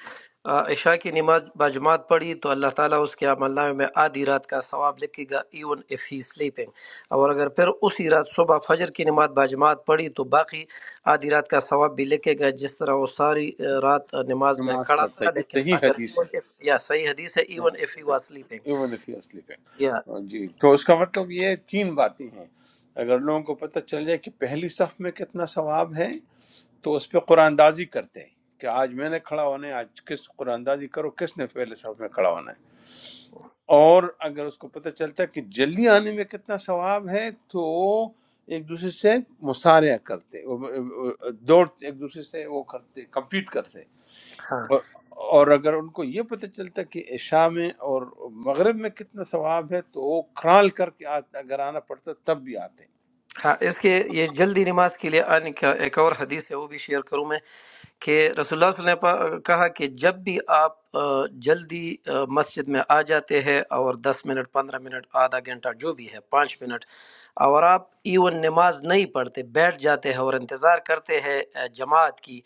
[SPEAKER 7] آ، عشاء کی نماز باجماعت پڑھی تو اللہ تعالیٰ اس کے عمل نامے میں آدھی رات کا ثواب لکھے گا ایون اف ہی سلیپنگ اور اگر پھر اسی رات صبح فجر کی نماز باجماعت پڑھی تو باقی آدھی رات کا ثواب بھی لکھے گا جس طرح وہ ساری آ، رات آ، نماز میں
[SPEAKER 1] نماز
[SPEAKER 7] کھڑا
[SPEAKER 1] پڑھتا ہے
[SPEAKER 7] تھا
[SPEAKER 1] یہ
[SPEAKER 7] لیکن
[SPEAKER 1] صحیح
[SPEAKER 7] اگر
[SPEAKER 1] حدیث
[SPEAKER 7] even
[SPEAKER 1] ہے
[SPEAKER 7] if- یا صحیح حدیث ہے even if he was sleeping
[SPEAKER 1] even if you sleeping
[SPEAKER 7] یا
[SPEAKER 1] ہاں جی تو اس کا مطلب یہ تین باتیں ہیں اگر لوگوں کو پتہ چل جائے کہ پہلی صف میں کتنا ثواب ہے تو اس پہ قرآن دازی کرتے ہیں کہ آج میں نے کھڑا ہونا ہے آج کس قرآن دازی کرو کس نے پہلے صف میں کھڑا ہونا ہے اور اگر اس کو پتہ چلتا ہے کہ جلدی آنے میں کتنا ثواب ہے تو ایک دوسرے سے مسارعہ کرتے دوڑ ایک دوسرے سے وہ کرتے کمپیٹ کرتے
[SPEAKER 7] ہاں
[SPEAKER 1] اور اور اگر ان کو یہ پتہ چلتا کہ عشاء میں اور مغرب میں کتنا ثواب ہے تو وہ کرال کر کے آ- اگر آنا پڑتا تب بھی آتے ہیں۔
[SPEAKER 7] ہاں اس کے یہ جلدی نماز کے لیے آنے کا ایک اور حدیث ہے وہ بھی شیئر کروں میں کہ رسول اللہ صلی اللہ علیہ وسلم نے کہا کہ جب بھی آپ آ، جلدی آ، مسجد میں آ جاتے ہیں اور دس منٹ پندرہ منٹ آدھا گھنٹہ جو بھی ہے پانچ منٹ اور آپ ایون نماز نہیں پڑھتے بیٹھ جاتے ہیں اور انتظار کرتے ہیں آ، جماعت کی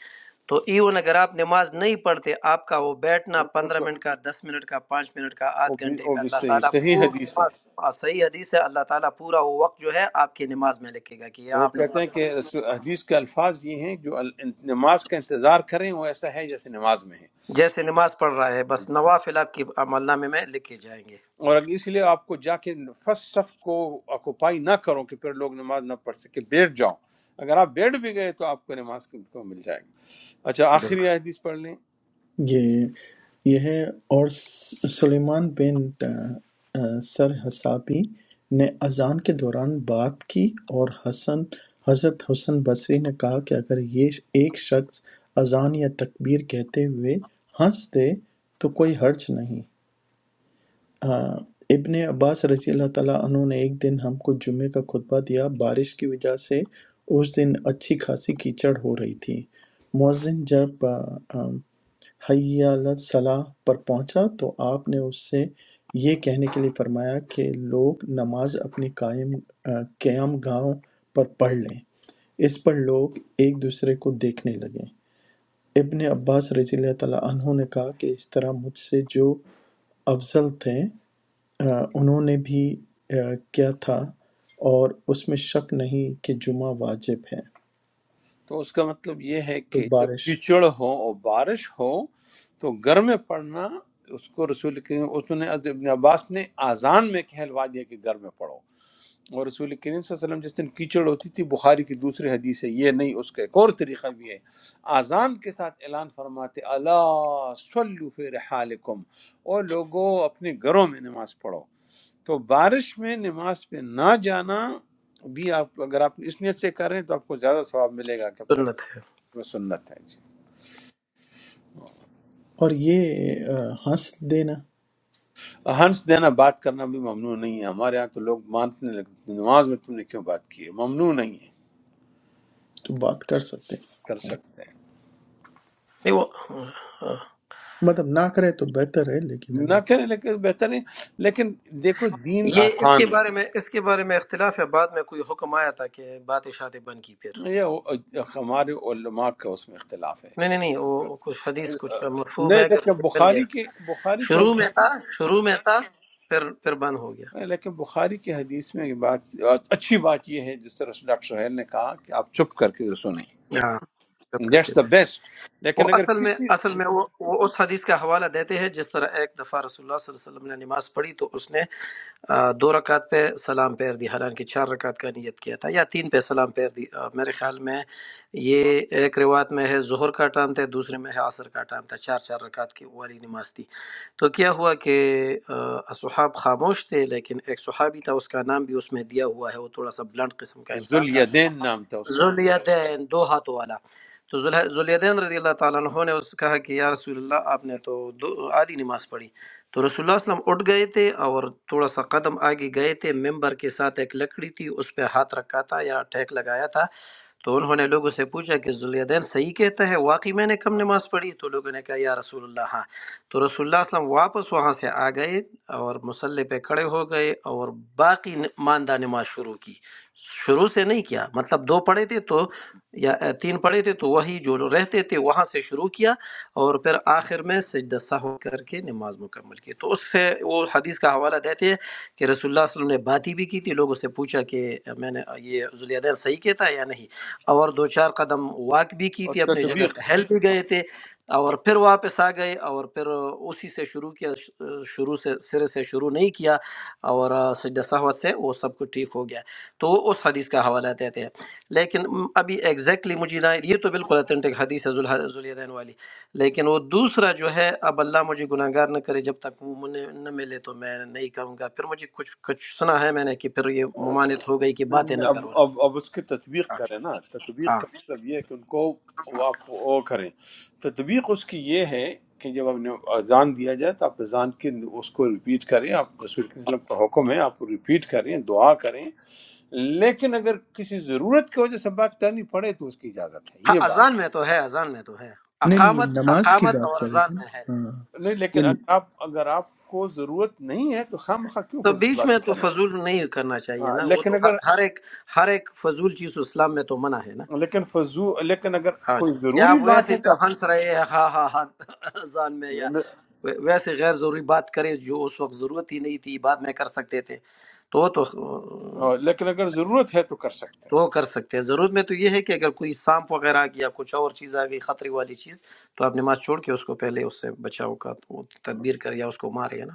[SPEAKER 7] تو ایون اگر آپ نماز نہیں پڑھتے آپ کا وہ بیٹھنا
[SPEAKER 1] یہ
[SPEAKER 7] پندرہ
[SPEAKER 1] بالکل-
[SPEAKER 7] منٹ کا دس منٹ کا پانچ منٹ کا
[SPEAKER 1] وہ
[SPEAKER 7] آدھ
[SPEAKER 1] بھی
[SPEAKER 7] گھنٹے
[SPEAKER 1] وہ
[SPEAKER 7] کا
[SPEAKER 1] بھی
[SPEAKER 7] اللہ
[SPEAKER 1] صحیح
[SPEAKER 7] تعالیٰ
[SPEAKER 1] صحیح
[SPEAKER 7] پورا
[SPEAKER 1] حدیث ہے
[SPEAKER 7] نماز ہاں، صحیح حدیث ہے اللہ تعالیٰ پورا وہ وقت جو ہے آپ کی نماز میں لکھے گا کہ یہ
[SPEAKER 1] وہ
[SPEAKER 7] آپ
[SPEAKER 1] کہتے ہیں
[SPEAKER 7] نماز
[SPEAKER 1] کہ
[SPEAKER 7] پڑھیں
[SPEAKER 1] رسول حدیث کے الفاظ یہ ہیں جو ال- نماز کا انتظار کریں وہ ایسا ہے جیسے نماز میں ہے
[SPEAKER 7] جیسے نماز پڑھ رہا ہے بس نوافل آپ کی عمل نامے میں لکھے جائیں گے
[SPEAKER 1] اور اگر اس لیے آپ کو جا کے فسٹ صف کو آکوپائی نہ کرو کہ پھر لوگ نماز نہ پڑھ سکے بیٹھ جاؤ اگر آپ بیٹھ بھی گئے تو آپ کو نماز کو مل جائے گی اچھا آخری
[SPEAKER 7] بالکل
[SPEAKER 1] حدیث پڑھ لیں
[SPEAKER 3] یہ یہ ہے اور س- سلیمان بن سرحسابی نے اذان کے دوران بات کی اور حسن حضرت حسن بصری نے کہا کہ اگر یہ ایک شخص اذان یا تکبیر کہتے ہوئے ہنس دے تو کوئی حرج نہیں آ، ابن عباس رضی اللہ تعالیٰ عنہ نے ایک دن ہم کو جمعے کا خطبہ دیا بارش کی وجہ سے اس دن اچھی خاصی کیچڑ ہو رہی تھی مؤذن جب آ، آ، حی صلاح پر پہنچا تو آپ نے اس سے یہ کہنے کے لیے فرمایا کہ لوگ نماز اپنی قائم آ، قیام گاہوں پر پڑھ لیں اس پر لوگ ایک دوسرے کو دیکھنے لگے ابن عباس رضی اللہ تعالیٰ عنہ نے کہا کہ اس طرح مجھ سے جو افضل تھے آ، انہوں نے بھی آ، کیا تھا اور اس میں شک نہیں کہ جمعہ واجب ہے
[SPEAKER 1] تو اس کا مطلب یہ ہے
[SPEAKER 3] تو
[SPEAKER 1] کہ جب
[SPEAKER 3] بارش
[SPEAKER 1] کیچڑ ہو اور بارش ہو تو گھر میں پڑھنا اس کو رسول کریم اس نے ابن عباس نے آزان میں کہلوا دیا کہ گھر میں پڑھو اور رسول کریم صلی اللہ علیہ وسلم جس دن کیچڑ ہوتی تھی بخاری کی دوسری حدیث ہے یہ نہیں اس کا ایک اور طریقہ بھی ہے آزان کے ساتھ اعلان فرماتے اللہ صلو فی رحالکم اور لوگوں اپنے گھروں میں نماز پڑھو تو بارش میں نماز پہ نہ جانا بھی آپ اگر آپ اس نیت سے کر رہے ہیں تو آپ کو زیادہ ثواب ملے گا کہ آپ
[SPEAKER 7] سنت ہے
[SPEAKER 1] میں سنت ہے جی
[SPEAKER 3] اور یہ آ، ہنس دینا
[SPEAKER 1] ہنس دینا بات کرنا بھی ممنوع نہیں ہے ہمارے ہاں تو لوگ ماننے لگتے ہیں، نماز میں تم نے کیوں بات کی ہے ممنوع نہیں ہے
[SPEAKER 3] تو بات کر سکتے ہیں
[SPEAKER 1] کر سکتے
[SPEAKER 7] نہیں وہ ہاں۔
[SPEAKER 3] مطلب نہ کرے تو بہتر ہے لیکن
[SPEAKER 1] ہیں۔
[SPEAKER 3] اگر
[SPEAKER 1] نہ کریں لیکن بہتر ہے لیکن دیکھو دین
[SPEAKER 7] یہ اس کے
[SPEAKER 1] آسان
[SPEAKER 7] بارے میں اس کے بارے میں اختلاف ہے بعد میں کوئی حکم آیا تھا کہ بات شاد بن کی پھر
[SPEAKER 1] ہے یہ او- ہمارے علماء کا اس میں اختلاف ہے
[SPEAKER 7] نہیں نہیں نہیں وہ کچھ حدیث کچھ مفہوم
[SPEAKER 1] نہیں
[SPEAKER 7] ہے کہ
[SPEAKER 1] لیکن
[SPEAKER 7] مجھے مل گیا
[SPEAKER 1] بخاری کے بخاری کے
[SPEAKER 7] شروع میں تھا شروع میں تھا پھر پھر بند ہو گیا
[SPEAKER 1] نہیں، لیکن بخاری کی حدیث میں یہ بات اچھی بات یہ ہے جس طرح ڈاکٹر سہیل نے کہا کہ آپ چپ کر کے سنیں
[SPEAKER 7] ہاں سب کر
[SPEAKER 1] دیٹس
[SPEAKER 7] کے
[SPEAKER 1] دا
[SPEAKER 7] پھر
[SPEAKER 1] بیسٹ
[SPEAKER 7] وہ
[SPEAKER 1] لیکن اگر
[SPEAKER 7] اصل میں
[SPEAKER 1] کسی
[SPEAKER 7] اصل میں وہ وہ اس حدیث کا حوالہ دیتے ہیں جس طرح ایک دفعہ رسول اللہ صلی اللہ علیہ وسلم نے نماز پڑھی تو اس نے آ، دو رکعت پہ سلام پیر دی حالانکہ چار رکعت کا نیت کیا تھا یا تین پہ سلام پیر دی آ، میرے خیال میں یہ ایک روایت میں ہے ظہر کا ٹائم تھا دوسرے میں ہے عصر کا ٹائم تھا چار چار رکعت کی والی نماز تھی تو کیا ہوا کہ آ، اصحاب خاموش تھے لیکن ایک صحابی تھا اس کا نام بھی اس میں دیا ہوا ہے وہ تھوڑا سا بلنٹ قسم کا انسان تھا
[SPEAKER 1] ذلیدین نام تھا اس کا
[SPEAKER 7] ذوالیدین دو ہاتھوں والا تو ذوالح- ذواليدين رضی اللہ تعالیٰ عنہ نے اس سے کہا کہ یا رسول اللہ آپ نے تو دو آدھی نماز پڑھی تو رسول اللہ صلی اللہ علیہ وسلم اٹھ گئے تھے اور تھوڑا سا قدم آگے گئے تھے ممبر کے ساتھ ایک لکڑی تھی اس پہ ہاتھ رکھا تھا یا ٹھیک لگایا تھا تو انہوں نے لوگوں سے پوچھا کہ ذوالدین صحیح کہتا ہے واقعی میں نے کم نماز پڑھی تو لوگوں نے کہا یا رسول اللہ ہاں تو رسول اللہ صلی اللہ علیہ وسلم واپس وہاں سے آ گئے اور مسلح پہ کھڑے ہو گئے اور باقی ن- ماندہ نماز شروع کی شروع سے نہیں کیا مطلب دو پڑھے تھے تو یا اے، تین پڑھے تھے تو وہی جو رہتے تھے وہاں سے شروع کیا اور پھر آخر میں سجدہ سہو کر کے نماز مکمل کی تو اس سے وہ حدیث کا حوالہ دیتے ہیں کہ رسول اللہ صلی اللہ علیہ وسلم نے باتیں بھی کی تھی لوگوں سے پوچھا کہ میں نے یہ ذوالدین صحیح کہتا ہے یا نہیں اور دو چار قدم واک بھی کی
[SPEAKER 1] اور
[SPEAKER 7] تھی اپنی جگہ
[SPEAKER 1] تطبیق
[SPEAKER 7] سے ہیل بھی گئے تھے اور پھر واپس آ گئے اور پھر اسی سے شروع کیا شروع سے سرے سے شروع نہیں کیا اور سجدہ سہوت سے وہ سب کچھ ٹھیک ہو گیا تو وہ اس حدیث کا حوالہ دیتے ہیں لیکن ابھی ایگزیکٹلی مجھے نہ یہ تو بالکل اتھینٹک حدیث ہے ذوالح- ذوالیدین والی لیکن وہ دوسرا جو ہے اب اللہ مجھے گناہ گار نہ کرے جب تک وہ مجھے نہ ملے تو میں نہیں کہوں گا پھر مجھے کچھ کچھ سنا ہے میں نے کہ پھر یہ ممانعت ہو گئی کہ
[SPEAKER 1] نہیں،
[SPEAKER 7] باتیں
[SPEAKER 1] نہیں،
[SPEAKER 7] نہ
[SPEAKER 1] اب
[SPEAKER 7] کرو
[SPEAKER 1] اب اب اس کی تطبیق کریں نا تطبیق
[SPEAKER 7] ہاں
[SPEAKER 1] کا مطلب یہ ہے کہ ان کو وہ آپ کو وہ کریں تطبیق اس کی یہ ہے کہ جب آپ نے اذان دیا جائے تو آپ اذان کی اس کو ریپیٹ کریں آپ رسول کے وسلم کا حکم ہے آپ ریپیٹ کریں دعا کریں لیکن اگر کسی ضرورت کی وجہ سے بات کرنی پڑے تو اس کی اجازت ہے
[SPEAKER 7] ہاں
[SPEAKER 1] یہ بات
[SPEAKER 7] اذان میں تو ہے اذان میں تو ہے
[SPEAKER 3] نہیں نہیں یہ
[SPEAKER 7] اقامت
[SPEAKER 3] نماز کی
[SPEAKER 7] اقامت
[SPEAKER 3] بات
[SPEAKER 7] اور
[SPEAKER 3] کر رہے
[SPEAKER 7] اذان
[SPEAKER 3] تھے نا
[SPEAKER 7] میں ہے
[SPEAKER 3] ہاں
[SPEAKER 1] نہیں
[SPEAKER 3] یہ
[SPEAKER 1] لیکن اگر
[SPEAKER 3] نہیں
[SPEAKER 1] آپ اگر آپ کو ضرورت نہیں ہے تو خام خواہ کیوں
[SPEAKER 7] تو
[SPEAKER 1] فضول
[SPEAKER 7] بیچ میں
[SPEAKER 1] باتیں
[SPEAKER 7] تو
[SPEAKER 1] کریں
[SPEAKER 7] فضول نہیں کرنا چاہیے
[SPEAKER 1] ہاں،
[SPEAKER 7] نا وہ
[SPEAKER 1] لیکن
[SPEAKER 7] تو ہر
[SPEAKER 1] اگر
[SPEAKER 7] ہر ایک ہر ایک فضول چیز اسلام میں تو منع ہے نا
[SPEAKER 1] لیکن فضول لیکن اگر
[SPEAKER 7] ہاں جی،
[SPEAKER 1] کوئی
[SPEAKER 7] کیا
[SPEAKER 1] ضروری
[SPEAKER 7] آپ
[SPEAKER 1] بات
[SPEAKER 7] ویسے
[SPEAKER 1] ہے تو
[SPEAKER 7] جو ہنس رہے ہیں ہاں ہاں ہاں اذان میں یا
[SPEAKER 1] آپ
[SPEAKER 7] وے- ویسے غیر ضروری بات کرے جو اس وقت ضرورت ہی نہیں تھی بعد میں کر سکتے تھے تو وہ تو
[SPEAKER 1] اور لیکن اگر ضرورت ہے تو کر سکتے
[SPEAKER 7] تو
[SPEAKER 1] ہیں
[SPEAKER 7] وہ کر سکتے ہیں ضرورت میں تو یہ ہے کہ اگر کوئی سانپ وغیرہ کی یا کچھ اور چیز آ گئی خطرے والی چیز تو آپ نماز چھوڑ کے اس کو پہلے اس سے بچاؤ کا تدبیر کرے یا اس کو مارے ہے نا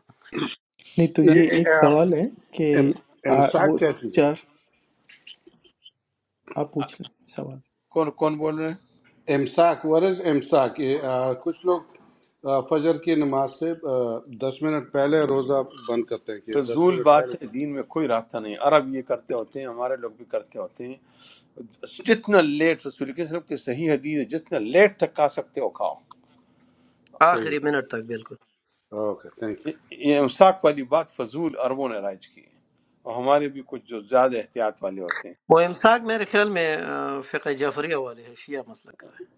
[SPEAKER 3] تو
[SPEAKER 1] سر،
[SPEAKER 3] یہ
[SPEAKER 8] یہ
[SPEAKER 3] ایک
[SPEAKER 8] آ،
[SPEAKER 3] سوال ہے کہ
[SPEAKER 8] ام-
[SPEAKER 3] آ،
[SPEAKER 8] امساک
[SPEAKER 3] وہ
[SPEAKER 8] کیا چیز
[SPEAKER 3] چار
[SPEAKER 8] ہے
[SPEAKER 3] آپ پوچھ لیں سوال
[SPEAKER 1] کون کون بول رہے ہیں
[SPEAKER 8] امساک ور از امساک یہ آ، کچھ لوگ آ، فجر کی نماز سے آ، دس منٹ پہلے روزہ بند کرتے ہیں کہ دس
[SPEAKER 1] فضول
[SPEAKER 8] منٹ
[SPEAKER 1] بات
[SPEAKER 8] پہلے
[SPEAKER 1] ہے
[SPEAKER 8] پڑھیں۔
[SPEAKER 1] دین میں کوئی راستہ نہیں عرب یہ کرتے ہوتے ہیں ہمارے لوگ بھی کرتے ہوتے ہیں جتنا لیٹ رسول کے وسلم کی صحیح حدیث ہے جتنا لیٹ تک کھا سکتے ہو کھاؤ
[SPEAKER 8] صحیح
[SPEAKER 7] آخری
[SPEAKER 8] ہے
[SPEAKER 7] منٹ تک بالکل
[SPEAKER 8] اوکے تھینک یو
[SPEAKER 1] یہ یہ امساک والی بات فضول عربوں نے رائج کی ہے اور ہمارے بھی کچھ جو زیادہ احتیاط والے ہوتے ہیں
[SPEAKER 7] وہ امساک میرے خیال میں آ، فقہ جعفریہ والے ہیں شیعہ مسلک کا ہے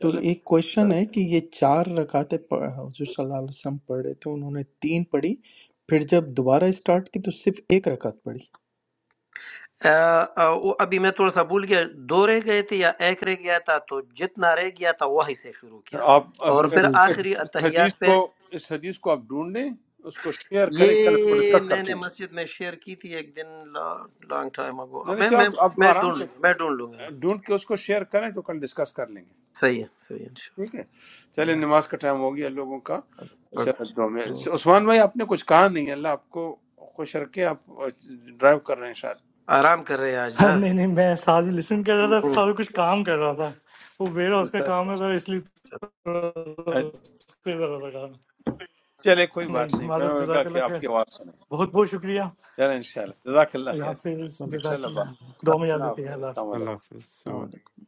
[SPEAKER 3] تو ایک کویشچن ہے کہ یہ چار رکعتیں پڑھ- حضور صلی اللہ علیہ وسلم پڑھ رہے تھے انہوں نے تین پڑھی پھر جب دوبارہ اسٹارٹ کی تو صرف ایک رکعت پڑھی
[SPEAKER 7] آ، آ، وہ ابھی میں تھوڑا سا بھول گیا دو رہ گئے تھے یا ایک رہ گیا تھا تو جتنا رہ گیا تھا وہی سے شروع کیا
[SPEAKER 1] آپ
[SPEAKER 7] اور
[SPEAKER 3] صرف
[SPEAKER 7] پھر
[SPEAKER 1] اس
[SPEAKER 3] وہی پڑھا
[SPEAKER 1] اس-
[SPEAKER 7] آخری
[SPEAKER 1] اس حدیث
[SPEAKER 7] اتحیات پہ
[SPEAKER 1] کو اس حدیث کو آپ ڈھونڈیں اس کو شیئر کریں کل اس کو
[SPEAKER 7] یہ
[SPEAKER 1] ڈسکس
[SPEAKER 7] میں
[SPEAKER 1] کرتے
[SPEAKER 7] نے
[SPEAKER 1] ہیں
[SPEAKER 7] مسجد میں شیئر کی تھی ایک دن لانگ ٹائم اگو
[SPEAKER 1] نہیں نہیں
[SPEAKER 7] میں
[SPEAKER 1] چلو
[SPEAKER 7] میں
[SPEAKER 1] آپ آپ
[SPEAKER 7] میں
[SPEAKER 1] آرام
[SPEAKER 7] ڈھونڈ
[SPEAKER 1] سے
[SPEAKER 7] لوں گا میں ڈھونڈ لوں گا
[SPEAKER 1] ڈھونڈ کے اس کو شیئر کریں تو کل ڈسکس کر لیں گے
[SPEAKER 7] صحیح ہے صحیح ہے انشاءاللہ
[SPEAKER 1] ٹھیک ہے
[SPEAKER 3] ہاں،
[SPEAKER 1] چلے نماز کا ٹائم ہو گیا لوگوں کا
[SPEAKER 7] اوکے۔
[SPEAKER 1] انشاءاللہ دو میں
[SPEAKER 3] اوکے
[SPEAKER 1] عثمان بھائی آپ نے کچھ کہا نہیں اللہ آپ کو خوش رکھے آپ ڈرائیو کر رہے ہیں شاید
[SPEAKER 7] آرام کر رہے ہیں آج نا
[SPEAKER 6] नहीं नहीं मैं साथ लिसन कर रहा था साथ में कुछ काम कर रहा था वो वेयर हाउस का काम है
[SPEAKER 1] سر
[SPEAKER 6] तो इसलिए थोड़ा सा उस पे जरा लगा
[SPEAKER 1] چلے کوئی
[SPEAKER 6] नहीं
[SPEAKER 1] بات نہیں میں
[SPEAKER 6] माजर
[SPEAKER 1] نے کہا کہ
[SPEAKER 6] जजाकल्ला
[SPEAKER 1] آپ
[SPEAKER 6] खैर
[SPEAKER 1] کی آواز سنیں
[SPEAKER 6] बहुत बहुत शुक्रिया
[SPEAKER 1] چلے انشاءاللہ جزاک اللہ
[SPEAKER 6] अल्लाह
[SPEAKER 1] خیر
[SPEAKER 6] हाफिज
[SPEAKER 3] چلیں جی
[SPEAKER 1] انشاءاللہ بات
[SPEAKER 6] जजाकल्ला
[SPEAKER 3] السلام علیکم
[SPEAKER 6] दो में
[SPEAKER 1] اللہ
[SPEAKER 6] याद
[SPEAKER 1] حافظ
[SPEAKER 6] रखिएगा अल्लाह
[SPEAKER 1] السلام علیکم
[SPEAKER 6] हाफिज
[SPEAKER 2] अल्लाह हाफिज
[SPEAKER 3] السلام علیکم